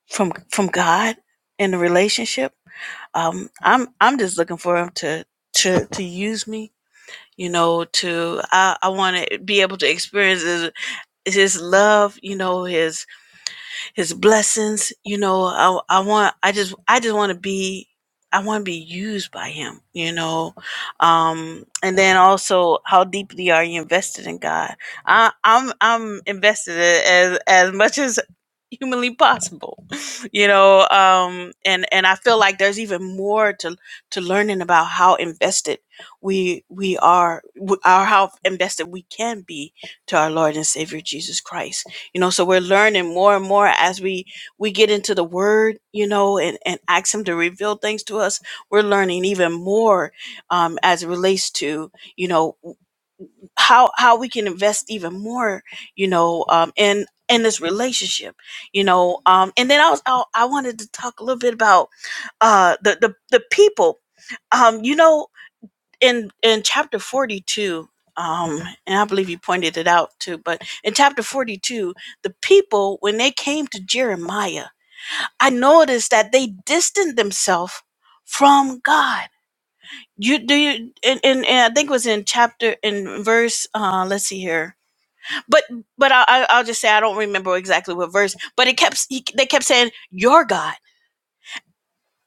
[SPEAKER 1] from from God in the relationship. Um, I'm I'm just looking for him to to to use me. You know, to I I want to be able to experience his, his love. You know, His his blessings. You know, I, I want, I just, I just want to be, I want to be used by him, you know. Um, and then also how deeply are you invested in God? I, I'm, I'm invested as, as much as humanly possible, you know. Um, and, and I feel like there's even more to, to learning about how invested we, we are, w- or how invested we can be to our Lord and Savior Jesus Christ you know so we're learning more and more as we we get into the word you know and and ask him to reveal things to us we're learning even more um as it relates to you know how how we can invest even more you know um in in this relationship you know um and then i was i, I wanted to talk a little bit about uh the the, the people um you know in in chapter 42 um and i believe you pointed it out too but in chapter 42 the people when they came to jeremiah i noticed that they distanced themselves from god you do you and, and, and i think it was in chapter in verse uh let's see here but but I, I i'll just say i don't remember exactly what verse but it kept he, they kept saying your god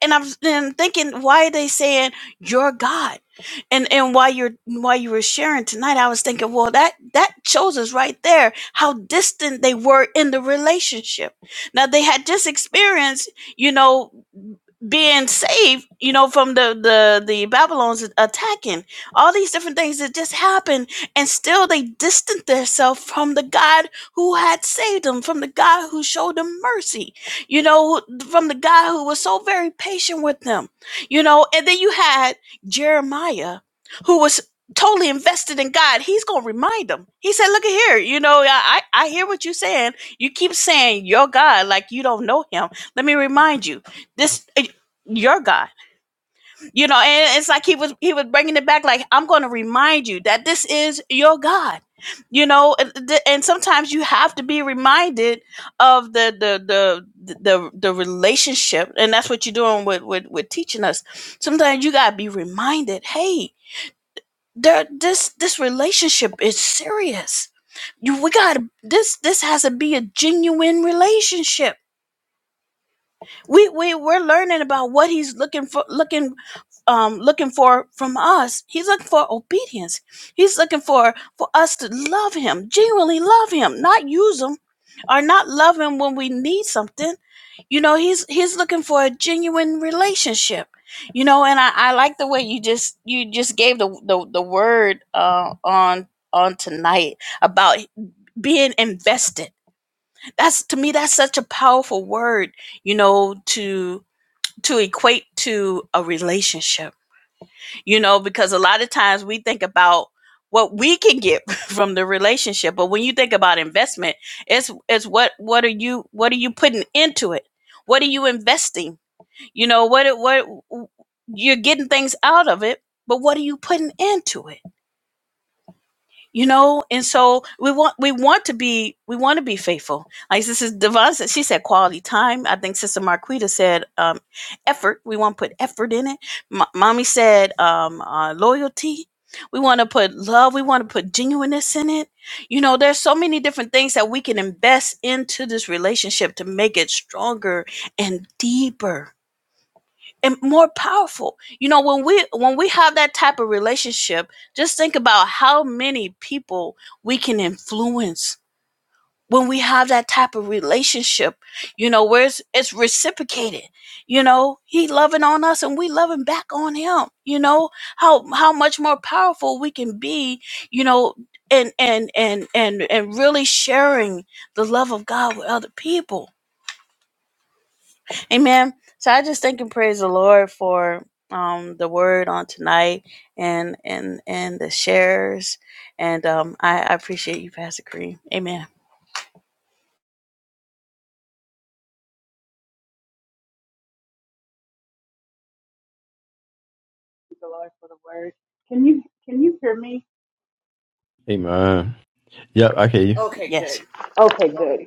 [SPEAKER 1] and I'm, and I'm thinking why are they saying you're god and and while you're while you were sharing tonight i was thinking well that that shows us right there how distant they were in the relationship now they had just experienced you know being saved you know from the the the babylons attacking all these different things that just happened and still they distanced themselves from the god who had saved them from the god who showed them mercy you know, from the guy who was so very patient with them, you know, and then you had Jeremiah who was totally invested in God. He's going to remind them. He said, look at here, you know, I, I I hear what you're saying. You keep saying your God like you don't know him. Let me remind you, this, eh, your God. You know, and it's like he was he was bringing it back. Like I'm going to remind you that this is your God. You know, and, th- and sometimes you have to be reminded of the the the the the relationship, and that's what you're doing with with with teaching us. Sometimes you gotta be reminded, hey, there this this relationship is serious. You we got to this this has to be a genuine relationship we we we're learning about what he's looking for looking um looking for from us he's looking for obedience he's looking for for us to love him genuinely love him not use him or not love him when we need something you know he's he's looking for a genuine relationship you know and i i like the way you just you just gave the the, the word uh on on tonight about being invested that's to me that's such a powerful word you know to to equate to a relationship you know because a lot of times we think about what we can get from the relationship but when you think about investment it's it's what what are you what are you putting into it what are you investing you know what it- what you're getting things out of it but what are you putting into it you know and so we want we want to be we want to be faithful like this is devon said she said quality time i think sister marquita said um effort we want to put effort in it M- mommy said um uh, loyalty we want to put love we want to put genuineness in it you know there's so many different things that we can invest into this relationship to make it stronger and deeper and more powerful. You know, when we when we have that type of relationship, just think about how many people we can influence when we have that type of relationship. You know, where it's, it's reciprocated. You know, he loving on us and we loving back on him. You know how how much more powerful we can be. You know. And, and and and and really sharing the love of God with other people Amen. So I just thank and praise the Lord for um the word on tonight and and and the shares. And um I, I appreciate you, Pastor Kareem. Amen.
[SPEAKER 3] Thank The Lord for the word. Can you can you hear me?
[SPEAKER 2] Amen. Yep, I hear you.
[SPEAKER 1] Okay, Yes. good.
[SPEAKER 3] Okay, good.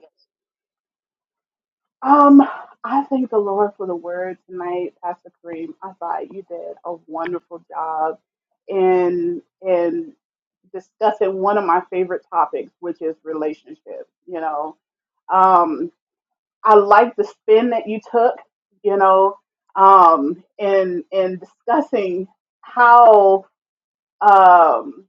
[SPEAKER 3] Um, I thank the Lord for the word tonight, Pastor Kareem. I thought you did a wonderful job in in discussing one of my favorite topics, which is relationships. You know, um, I like the spin that you took. You know, um, in in discussing how. Um,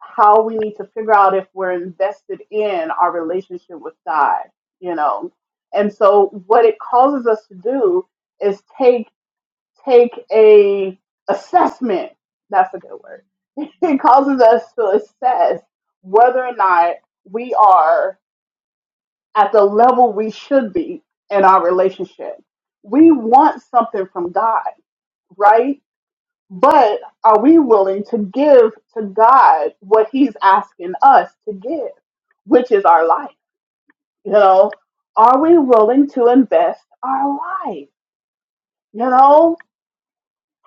[SPEAKER 3] how we need to figure out if we're invested in our relationship with God, you know. And so what it causes us to do is take take a assessment. That's a good word. It causes us to assess whether or not we are at the level we should be in our relationship. We want something from God, right? But are we willing to give to God what He's asking us to give, which is our life? You know, are we willing to invest our life? You know,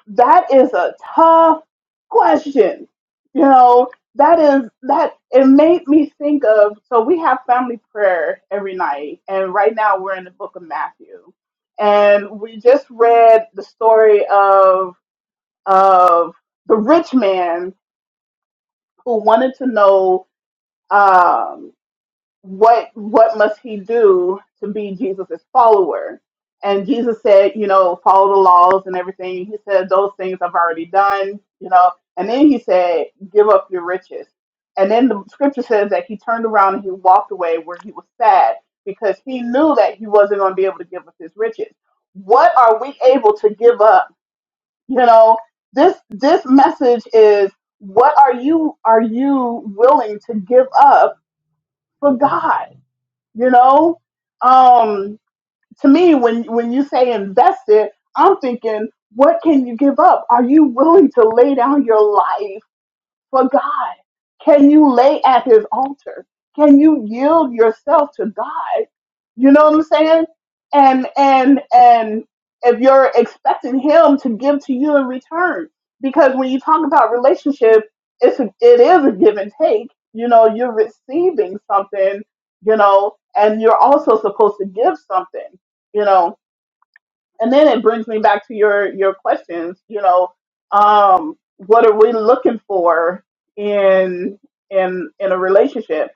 [SPEAKER 3] that is a tough question. You know, that is that it made me think of so we have family prayer every night, and right now we're in the book of Matthew. And we just read the story of of the rich man who wanted to know um, what what must he do to be Jesus' follower. And Jesus said, you know, follow the laws and everything. He said, those things I've already done, you know. And then he said, give up your riches. And then the scripture says that he turned around and he walked away where he was sad because he knew that he wasn't going to be able to give up his riches. What are we able to give up? you know this this message is what are you are you willing to give up for god you know um to me when when you say invested i'm thinking what can you give up are you willing to lay down your life for God? Can you lay at his altar? Can you yield yourself to God? You know what I'm saying? And and and if you're expecting him to give to you in return, because when you talk about relationship, it's a, it is a give and take. You know, you're receiving something, you know, and you're also supposed to give something, you know and then it brings me back to your your questions you know um what are we looking for in in in a relationship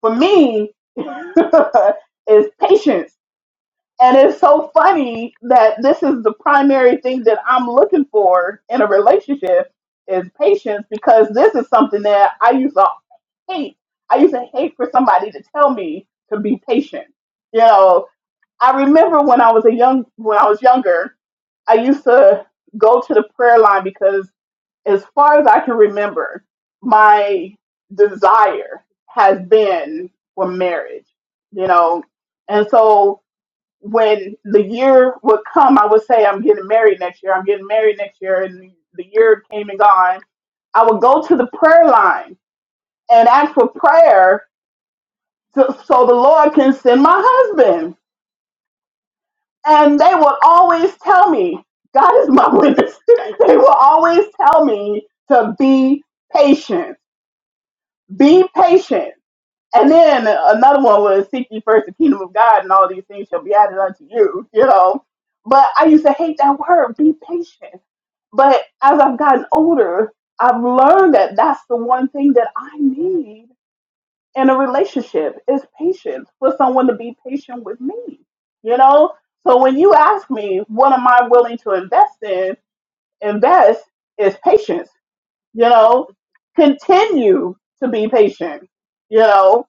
[SPEAKER 3] for me is patience and it's so funny that this is the primary thing that i'm looking for in a relationship is patience because this is something that i used to hate i used to hate for somebody to tell me to be patient you know I remember when I was a young when I was younger, I used to go to the prayer line because as far as I can remember, my desire has been for marriage, you know. And so when the year would come, I would say, I'm getting married next year, I'm getting married next year. And the year came and gone. I would go to the prayer line and ask for prayer so, so the Lord can send my husband And they will always tell me, God is my witness. they will always tell me to be patient, be patient. And then another one was seek ye first the kingdom of God and all these things shall be added unto you, you know. But I used to hate that word, be patient. But as I've gotten older, I've learned that that's the one thing that I need in a relationship is patience for someone to be patient with me you know so when you ask me what am i willing to invest in invest is patience you know continue to be patient you know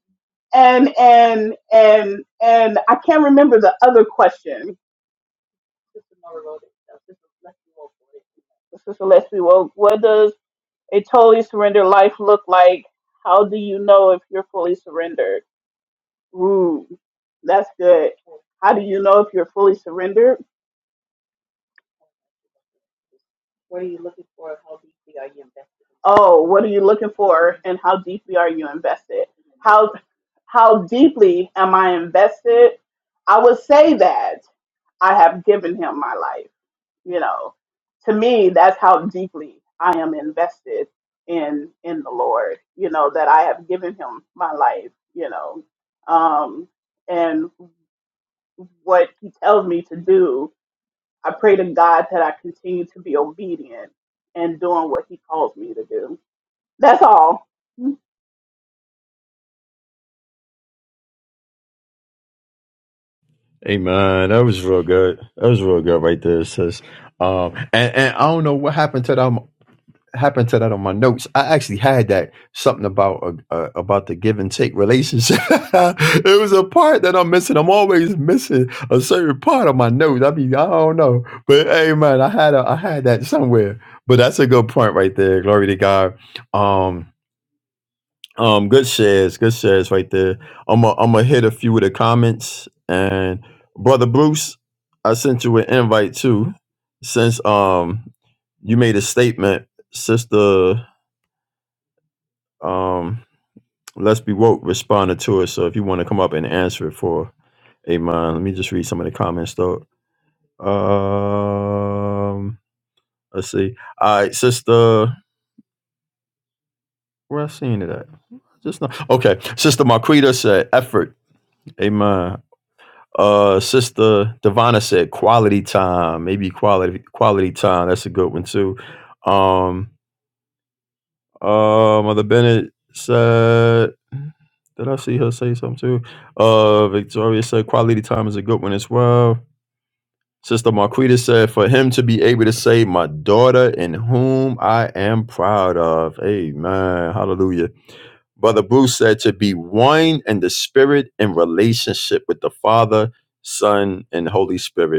[SPEAKER 3] and and and and i can't remember the other question sister leslie well what does a totally surrendered life look like how do you know if you're fully surrendered ooh that's good How do you know if you're fully surrendered? Oh, what are you looking for and how deeply are you invested? How how deeply am I invested? I would say that I have given him my life, you know. To me, that's how deeply I am invested in in the Lord, you know, that I have given him my life, you know. Um and what he tells me to do I pray to God that I continue to be obedient and doing what He calls me to do. That's all.
[SPEAKER 2] Amen. That was real good. That was real good right there, sis. Um, and, and I don't know what happened to them. happened to that on my notes. I actually had that something about uh, uh, about the give and take relationship. it was a part that I'm missing. I'm always missing a certain part of my notes. I mean, I don't know, but hey, man, I had a, I had that somewhere. But that's a good point right there. Glory to God. Um, um, good shares, good shares right there. I'm i I'm gonna hit a few of the comments and brother Bruce, I sent you an invite too. Since um you made a statement, sister. Um, Let's Be Woke responded to it. So if you want to come up and answer it for Amon, let me just read some of the comments though. Um, let's see. All right, sister, where I seen it at? Just not okay. Sister Marquita said effort. Amen. Uh, sister Divana said quality time. Maybe quality quality time. That's a good one too. Um, Uh, Mother Bennett said, did I see her say something too? Uh, Victoria said, quality time is a good one as well. Sister Marquita said, for him to be able to say, my daughter in whom I am proud of. Amen. Hallelujah. Brother Bruce said, to be one in the spirit in relationship with the Father, Son, and Holy Spirit.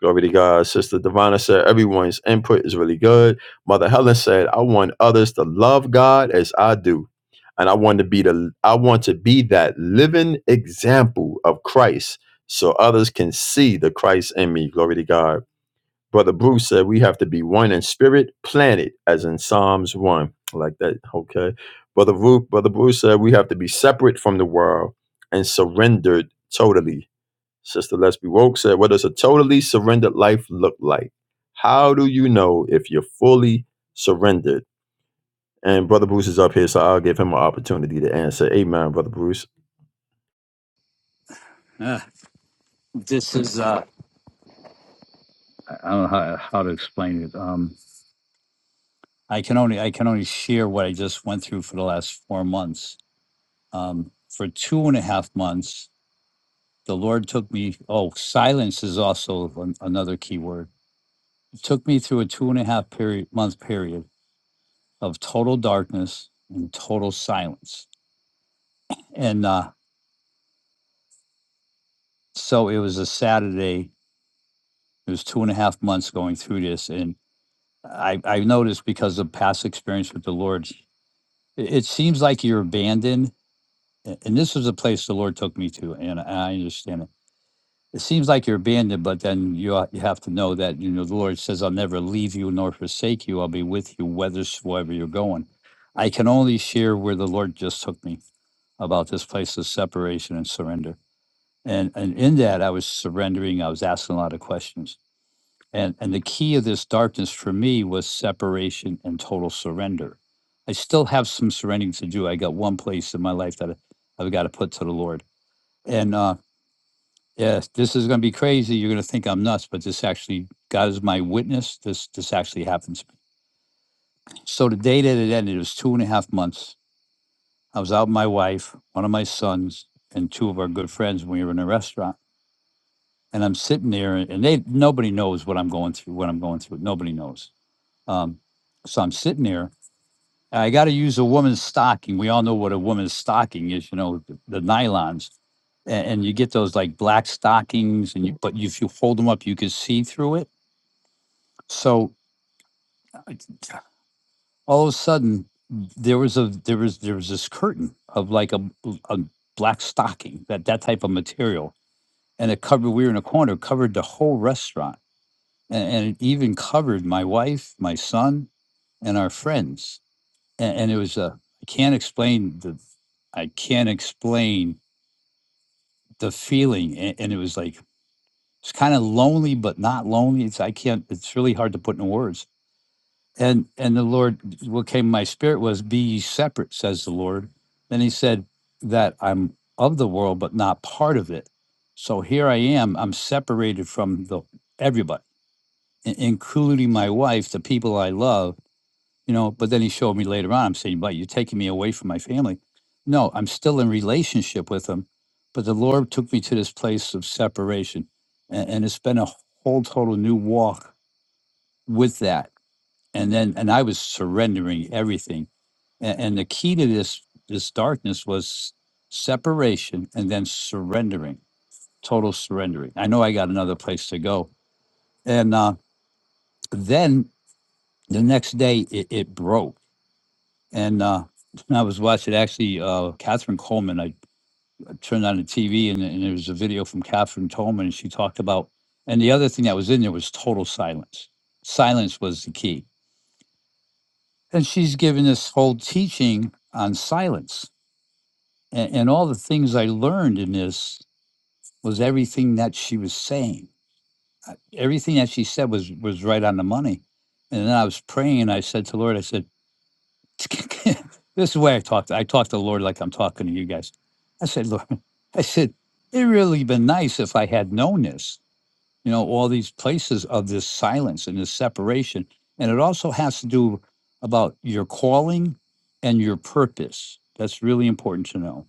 [SPEAKER 2] Glory to God. Sister Divina said, everyone's input is really good. Mother Helen said, I want others to love God as I do. And I want to be the I want to be that living example of Christ so others can see the Christ in me. Glory to God. Brother Bruce said we have to be one in spirit, planted, as in Psalms 1. I like that. Okay. Brother Ru- Brother Bruce said we have to be separate from the world and surrendered totally Sister Let's Be Woke said, What does a totally surrendered life look like? How do you know if you're fully surrendered? And Brother Bruce is up here, so I'll give him an opportunity to answer. Amen, Brother Bruce.
[SPEAKER 5] Uh, this is uh, I I don't know how, how to explain it. Um, I can only I can only share what I just went through for the last four months. Um, for two and a half months, the Lord took me. Oh, silence is also an, another key word. Took me through a two and a half period month period of total darkness and total silence. And uh, so it was a Saturday. It was two and a half months going through this, and I, I noticed because of past experience with the Lord, It, it seems like you're abandoned. a- And this was a place the Lord took me to, and I understand it. It seems like you're abandoned, but then you ha- you have to know that you know the Lord says, "I'll never leave you nor forsake you. I'll be with you whithersoever you're going." I can only share where the Lord just took me about this place of separation and surrender. And and in that, I was surrendering. I was asking a lot of questions and, and the key of this darkness for me was separation and total surrender. I still have some surrendering to do. I got one place in my life that I- I've got to put to the Lord. And uh, yes, this is going to be crazy. You're going to think I'm nuts, but this actually, God is my witness. This this actually happens. So the day that it ended, it was two and a half months. I was out with my wife, one of my sons, and two of our good friends when we were in a restaurant. And I'm sitting there, and they nobody knows what I'm going through. What I'm going through, nobody knows Um, so I'm sitting there. And I got to use a woman's stocking. We all know what a woman's stocking is, you know, the, the nylons, and, and you get those like black stockings, and you but if you hold them up, you can see through it. So uh, all of a sudden, there was a there was there was this curtain of like a, a black stocking that that type of material, and it covered. We were in a corner, covered the whole restaurant, and, and it even covered my wife, my son, and our friends and, and it was a. I can't explain the I can't explain the feeling, and, and it was like it's kind of lonely, but not lonely. It's I can't. It's really hard to put in words. And and the Lord, what came in my spirit was, "Be ye separate," says the Lord. Then He said that I'm of the world, but not part of it. So here I am. I'm separated from the everybody, i- including my wife, the people I love you know, but then he showed me later on, I'm saying, but you're taking me away from my family. No, I'm still in relationship with them, but the Lord took me to this place of separation. And, and it's been a whole total new walk with that. And then, and I was surrendering everything. And, and the key to this, this darkness was separation and then surrendering, total surrendering. I know I got another place to go. And uh, then the next day it, it broke And uh, I was watching actually uh, Catherine Coleman. I, I turned on the TV and, and there was a video from Catherine Coleman. And she talked about, and the other thing that was in there was total silence. Silence was the key. And she's given this whole teaching on silence. And, and all the things I learned in this was everything that she was saying. Uh, Everything that she said was was right on the money. And then I was praying and I said to Lord, I said, this is the way I talked. I talked to the Lord like I'm talking to you guys. I said, Lord, I said, it really been nice if I had known this, you know, all these places of this silence and this separation. And it also has to do about your calling and your purpose. That's really important to know.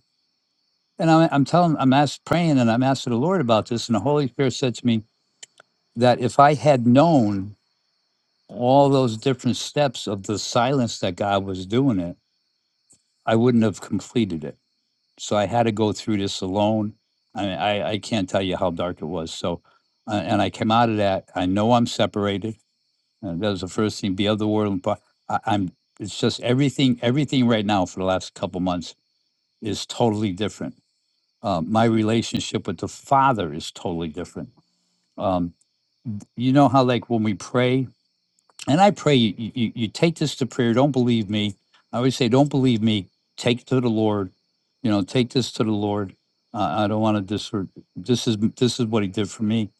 [SPEAKER 5] And I'm, I'm telling, I'm asked, praying and I'm asking the Lord about this. And the Holy Spirit said to me that if I had known all those different steps of the silence that God was doing it, I wouldn't have completed it. So I had to go through this alone. I mean, I, I can't tell you how dark it was. So, uh, and I came out of that. I know I'm separated. And that was the first thing. Be of the world. But I, I'm. It's just everything. Everything right now for the last couple months is totally different. Uh, my relationship with the Father is totally different. Um, you know how like when we pray, and I pray you, you, you take this to prayer. Don't believe me. I always say, don't believe me. Take it to the Lord. You know, take this to the Lord. Uh, I don't want to dis. This is this is what He did for me.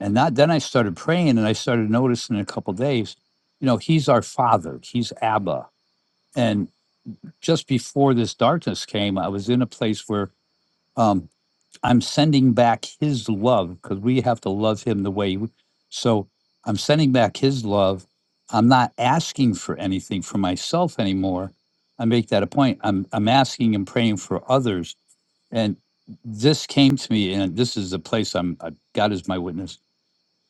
[SPEAKER 5] And that then I started praying, and I started noticing in a couple days. You know, He's our Father. He's Abba. And just before this darkness came, I was in a place where. Um, I'm sending back his love because we have to love him the way. w- So I'm sending back his love. I'm not asking for anything for myself anymore. I make that a point. I'm I'm asking and praying for others. And this came to me, and this is the place I'm. uh, God is my witness.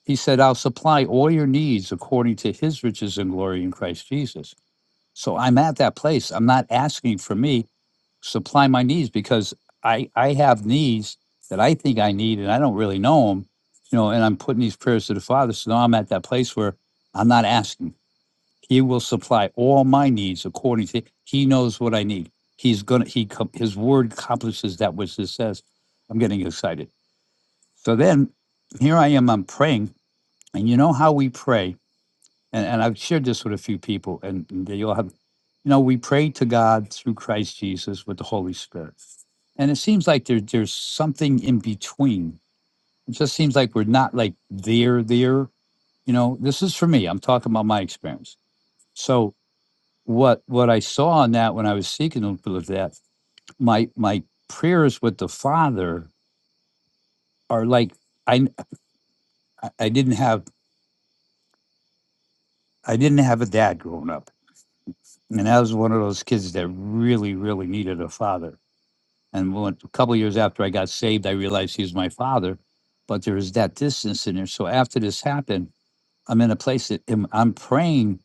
[SPEAKER 5] He said, "I'll supply all your needs according to His riches and glory in Christ Jesus." So I'm at that place. I'm not asking for me supply my needs because I I have needs that I think I need and I don't really know them, you know. And I'm putting these prayers to the Father, so now I'm at that place where I'm not asking. He will supply all my needs according to He knows what I need. He's gonna He His word accomplishes that which it says. I'm getting excited. So then, here I am. I'm praying, and you know how we pray and, and I've shared this with a few people, and they all have, you know, we pray to God through Christ Jesus with the Holy Spirit. And it seems like there, there's something in between. It just seems like we're not like there, there. You know, this is for me. I'm talking about my experience. So what what I saw in that when I was seeking a little bit of that, my my prayers with the Father are like I I I didn't have I didn't have a dad growing up. And I was one of those kids that really, really needed a father And when, a couple years after I got saved, I realized he was my father. But there is that distance in there. So after this happened, I'm in a place that I'm, I'm praying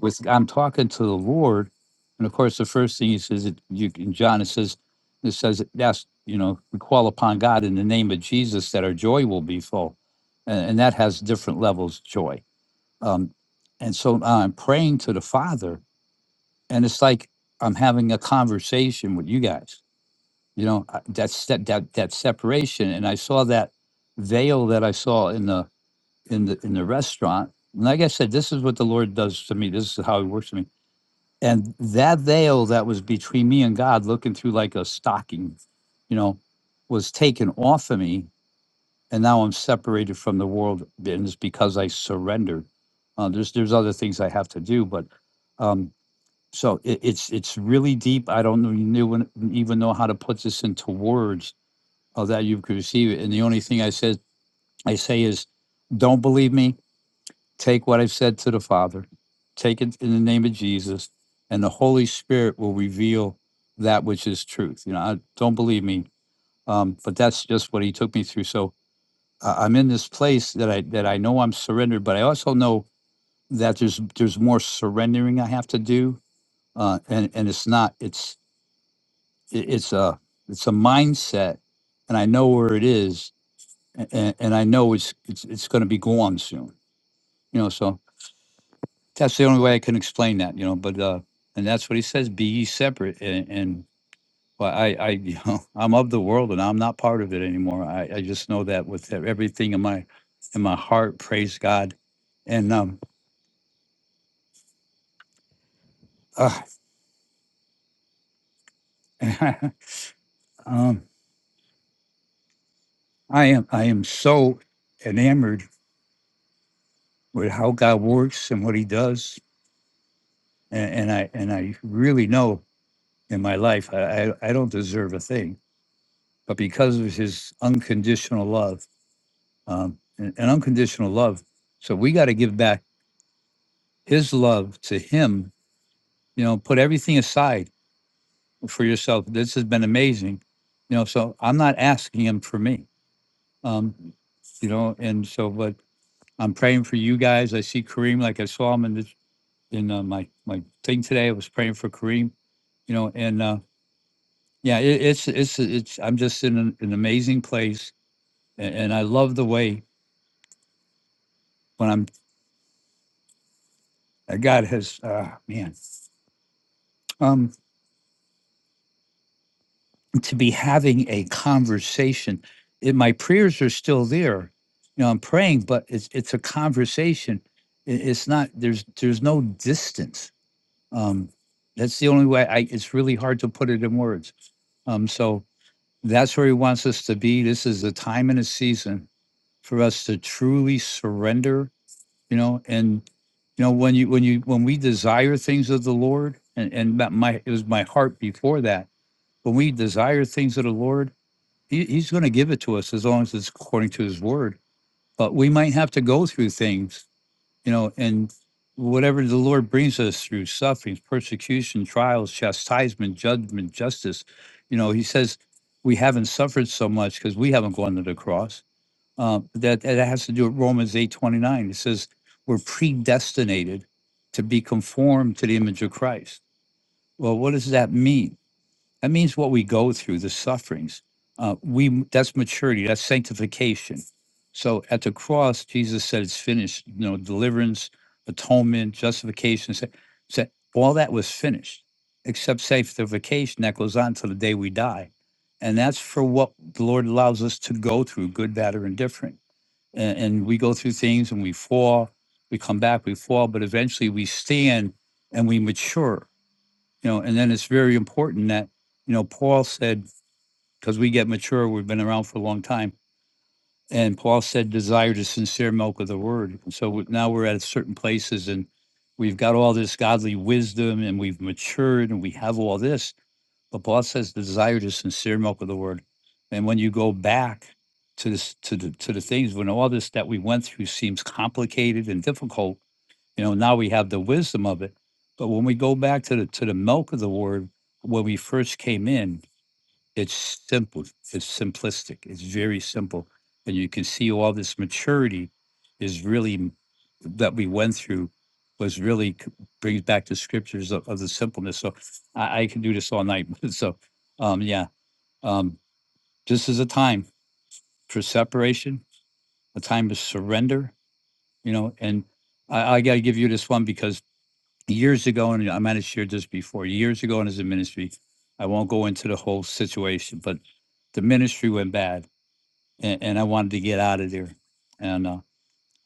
[SPEAKER 5] with, I'm talking to the Lord. And of course, the first thing he says, it- you, in John, it says, it says, that's, you know, we call upon God in the name of Jesus that our joy will be full. And, and that has different levels of joy. Um, and so now I'm praying to the Father. And it's like I'm having a conversation with you guys you know I- that step that that separation and i saw that veil that i saw in the in the in the restaurant and like i said this is what the lord does to me this is how he works to me and that veil that was between me and god looking through like a stocking you know was taken off of me and now i'm separated from the world and it's because i surrendered uh, there's there's other things i have to do but um so it, it's it's really deep i don't know- even even know how to put this into words of that you could receive it. And the only thing I said I say is, don't believe me. Take what I've said to the Father. Take it in the name of Jesus, and the Holy Spirit will reveal that which is truth. You know, I, don't believe me, um, but that's just what He took me through. So I I'm in this place that I that I know I'm surrendered, but I also know that there's there's more surrendering I have to do, uh, and and it's not it's it, it's a it's a mindset, and I know where it is, and, and I know it's it's it's going to be gone soon. You know, so that's the only way I can explain that. You know, but uh, and that's what he says: be ye separate. And, and well, I I you know I'm of the world and I'm not part of it anymore. I I just know that with e- everything in my in my heart, praise God. And um, uh, um, I am I am so enamored with how God works and what He does, and, and I and I really know in my life I I, I don't deserve a thing but because of his unconditional love, um, and, and unconditional love, so we got to give back his love to him. You know, put everything aside for yourself. This has been amazing. You know, so I'm not asking him for me. Um, you know, and so, but I'm praying for you guys. I see Kareem, like I saw him in this, in uh, my my thing today. I was praying for Kareem. You know, and uh, yeah, it, it's it's it's. I'm just in an, an amazing place, and, and I love the way when I'm Uh, God has, uh, man, um, to be having a conversation. It, my prayers are still there. You know, I'm praying, but it's it's a conversation. It, it's not. There's there's no distance. Um, that's the only way. I. It's really hard to put it in words. Um, so that's where He wants us to be. This is a time and a season for us to truly surrender. You know, and you know when you when you when we desire things of the Lord, and and that my it was my heart before that when we desire things of the Lord, he, He's going to give it to us as long as it's according to His word. But we might have to go through things, you know, and whatever the Lord brings us through sufferings, persecution, trials, chastisement, judgment, justice, you know, He says we haven't suffered so much because we haven't gone to the cross. Um, that that has to do with Romans eight twenty nine. It says we're predestinated to be conformed to the image of Christ. Well, what does that mean? That means what we go through, the sufferings. Uh, we that's maturity, that's sanctification. So at the cross, Jesus said, "It's finished." You know, deliverance, atonement, justification. sa- sa- all that was finished, except sanctification that goes on till the day we die, and that's for what the Lord allows us to go through, good, bad, or indifferent. And, and we go through things, and we fall, we come back, we fall, but eventually we stand and we mature you know, and then it's very important that, you know, Paul said, because we get mature, we've been around for a long time. And Paul said, desire the sincere milk of the word. so we- now we're at certain places and we've got all this godly wisdom and we've matured and we have all this. But Paul says, desire the sincere milk of the word. And when you go back to this, to the, to the things, when all this that we went through seems complicated and difficult, you know, now we have the wisdom of it. But when we go back to the to the milk of the word, when we first came in, it's simple. It's simplistic. It's very simple, and you can see all this maturity is really m- that we went through was really c- brings back the scriptures of, of the simpleness. So I, I can do this all night. so um, yeah, um, this is a time for separation, a time to surrender. You know, and I, I got to give you this one because years ago, and I might have shared this before, years ago in his ministry, I won't go into the whole situation, but the ministry went bad and, and I wanted to get out of there. And uh,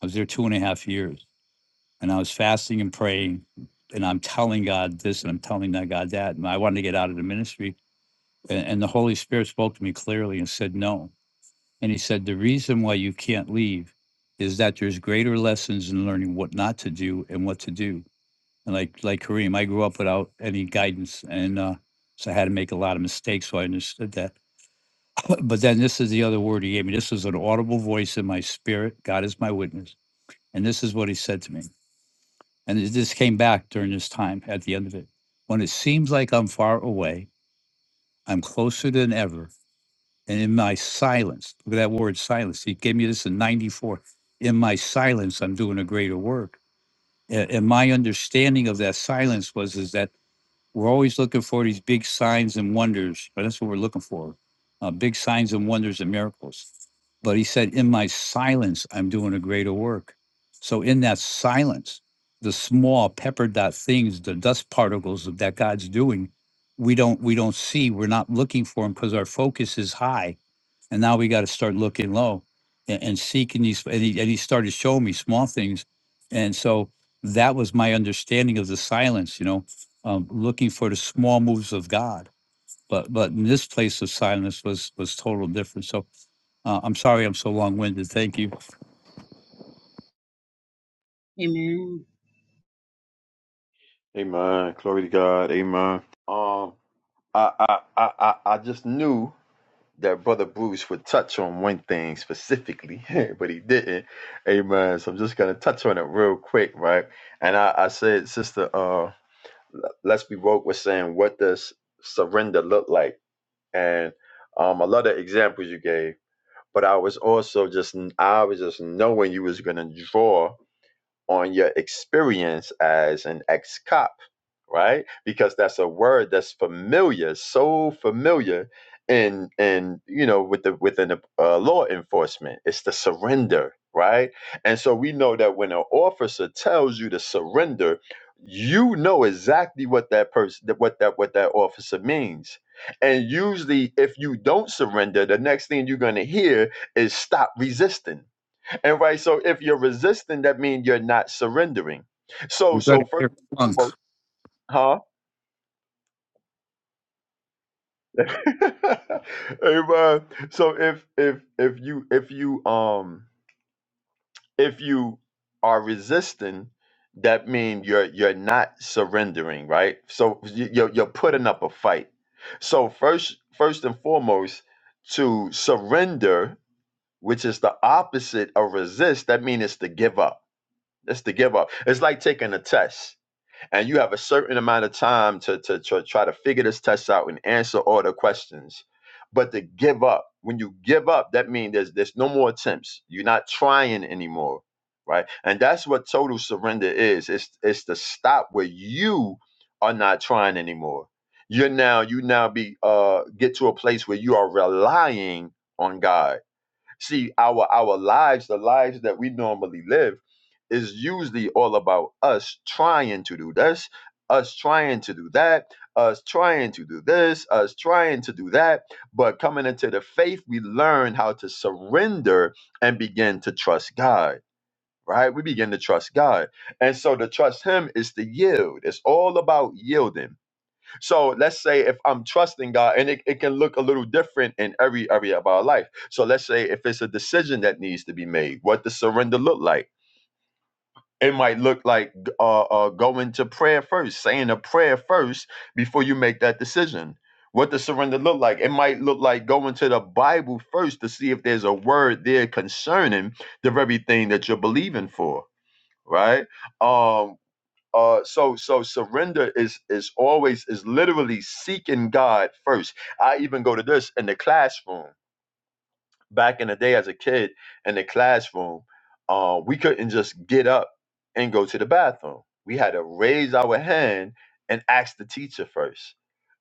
[SPEAKER 5] I was there two and a half years and I was fasting and praying and I'm telling God this and I'm telling that God that. And I wanted to get out of the ministry. And, and the Holy Spirit spoke to me clearly and said, no. And he said, the reason why you can't leave is that there's greater lessons in learning what not to do and what to do. And like, like Kareem, I grew up without any guidance and, uh, so I had to make a lot of mistakes, so I understood that. But then this is the other word he gave me. This was an audible voice in my spirit. God is my witness. And this is what he said to me. And it- this came back during this time at the end of it. When it seems like I'm far away, I'm closer than ever. And in my silence, look at that word silence. He gave me this in 94. In my silence, I'm doing a greater work. A- And my understanding of that silence was is that we're always looking for these big signs and wonders. But that's what we're looking for, uh, big signs and wonders and miracles. But he said, in my silence, I'm doing a greater work. So in that silence, the small pepper dot things, the dust particles that God's doing, we don't we don't see. We're not looking for them because our focus is high and now we got to start looking low and, and seeking these. And he, and he started showing me small things. And so that was my understanding of the silence, you know, um, looking for the small moves of God. But but in this place of silence was was total different. So uh, I'm sorry I'm so long winded. Thank you.
[SPEAKER 2] Amen. Glory to God. Amen. Um, I, I, I, I I just knew that Brother Bruce would touch on one thing specifically, but he didn't. Amen. So I'm just gonna touch on it real quick, right? And I, I said, Sister, uh, let's be woke was saying, what does surrender look like? and um, I love the examples you gave. But I was also just I was just knowing you was gonna draw on your experience as an ex cop right? Because that's a word that's familiar, so familiar in in you know with the within the uh, law enforcement. It's the surrender, right? And so we know that when an officer tells you to surrender, you know exactly what that person what that what that officer means. And usually if you don't surrender, the next thing you're going to hear is stop resisting. And right, so if you're resisting that means you're not surrendering. So
[SPEAKER 5] You're going
[SPEAKER 2] so
[SPEAKER 5] to
[SPEAKER 2] first
[SPEAKER 5] hear
[SPEAKER 2] and
[SPEAKER 5] funk.
[SPEAKER 2] foremost, huh? Amen. So if if if you if you um if you are resisting, that means you're you're not surrendering, right? So you- you're you're putting up a fight. So first first and foremost, to surrender, which is the opposite of resist, that means it's to give up. It's to give up. It's like taking a test and you have a certain amount of time to, to, to try to figure this test out and answer all the questions but to give up when you give up that means there's there's no more attempts you're not trying anymore right and that's what total surrender is it's it's the stop where you are not trying anymore you're now you now be uh get to a place where you are relying on god See, our our lives, the lives that we normally live, is usually all about us trying to do this, us trying to do that, us trying to do this, us trying to do that. But coming into the faith, we learn how to surrender and begin to trust God. Right? We begin to trust God. And so to trust Him is to yield. It's all about yielding so let's say if I'm trusting God, and it, it can look a little different in every area of our life. So let's say if it's a decision that needs to be made, what does surrender look like? It might look like uh, uh, going to prayer first, saying a prayer first before you make that decision. What does surrender look like? It might look like going to the Bible first to see if there's a word there concerning the very thing that you're believing for, right? Um, uh so so surrender is is always is literally seeking god first i even go to this in the classroom back in the day as a kid in the classroom uh we couldn't just get up and go to the bathroom we had to raise our hand and ask the teacher first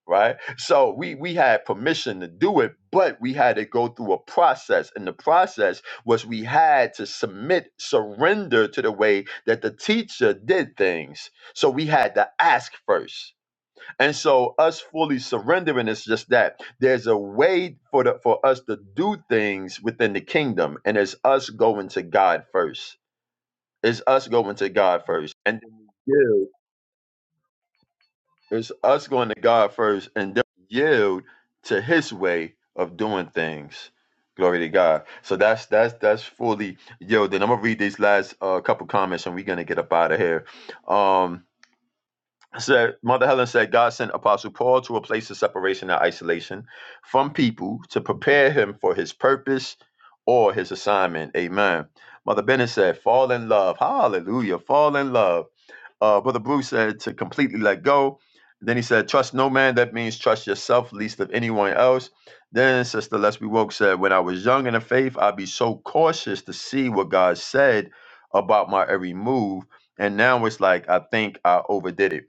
[SPEAKER 2] right? So we we had permission to do it, but we had to go through a process, and the process was we had to submit surrender to the way that the teacher did things. So we had to ask first, and so us fully surrendering is just that. There's a way for the, for us to do things within the kingdom, and it's us going to God first. It's us going to God first, and then we give. It's us going to God first and then yield to His way of doing things. Glory to God. So that's that's that's fully yielded. I'm gonna read these last uh, couple comments and we're gonna get up out of here. Um, said Mother Helen said God sent Apostle Paul to a place of separation and isolation from people to prepare him for his purpose or his assignment. Amen. Mother Bennett said, "Fall in love. Hallelujah. Fall in love." Uh, Brother Bruce said to completely let go. Then he said, trust no man. That means trust yourself, least of anyone else. Then Sister Leslie Woke said, when I was young in the faith, I'd be so cautious to see what God said about my every move. And now it's like, I think I overdid it.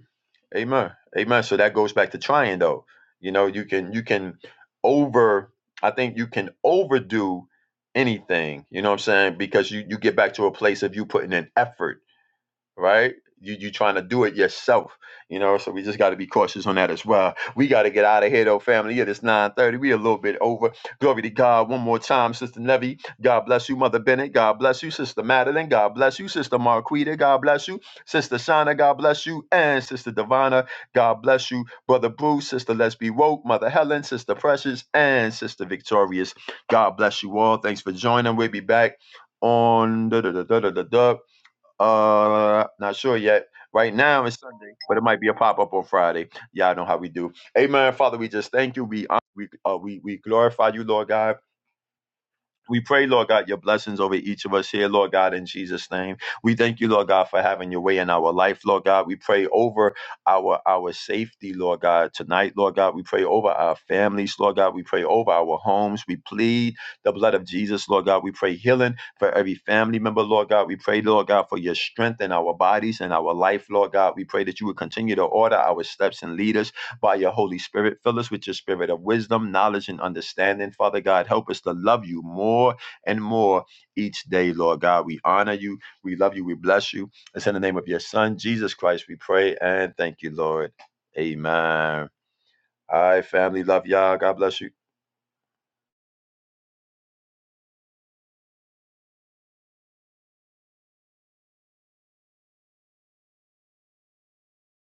[SPEAKER 2] Amen. Amen. So that goes back to trying though. You know, you can you can over I think you can overdo anything, you know what I'm saying? Because you you get back to a place of you putting in effort right? You you trying to do it yourself, you know. So we just got to be cautious on that as well. We got to get out of here though, family. It is nine thirty. We a little bit over. Glory to God. One more time, Sister Nevy. God bless you, Mother Bennett. God bless you, Sister Madeline. God bless you, Sister Marquita. God bless you, Sister Shauna. God bless you, and Sister Divana. God bless you, Brother Bruce, Sister Let's Be Woke, Mother Helen, Sister Precious, and Sister Victorious. God bless you all. Thanks for joining. We'll be back on da da da da da da. Uh, not sure yet. Right now it's Sunday, but it might be a pop up on Friday. Y'all know how we do. Amen. Father, we just thank you. We hon- we uh, we we glorify you, Lord God. We pray, Lord God, your blessings over each of us here, Lord God, in Jesus' name. We thank you, Lord God, for having your way in our life, Lord God. We pray over our our safety, Lord God, tonight, Lord God. We pray over our families, Lord God. We pray over our homes. We plead the blood of Jesus, Lord God. We pray healing for every family member, Lord God. We pray, Lord God, for your strength in our bodies and our life, Lord God. We pray that you would continue to order our steps and lead us by your Holy Spirit. Fill us with your spirit of wisdom, knowledge, and understanding. Father God, help us to love you more and more each day, Lord God. We honor you. We love you. We bless you. It's in the name of your Son, Jesus Christ, we pray and thank you, Lord. Amen. All right, family. Love y'all. God bless you.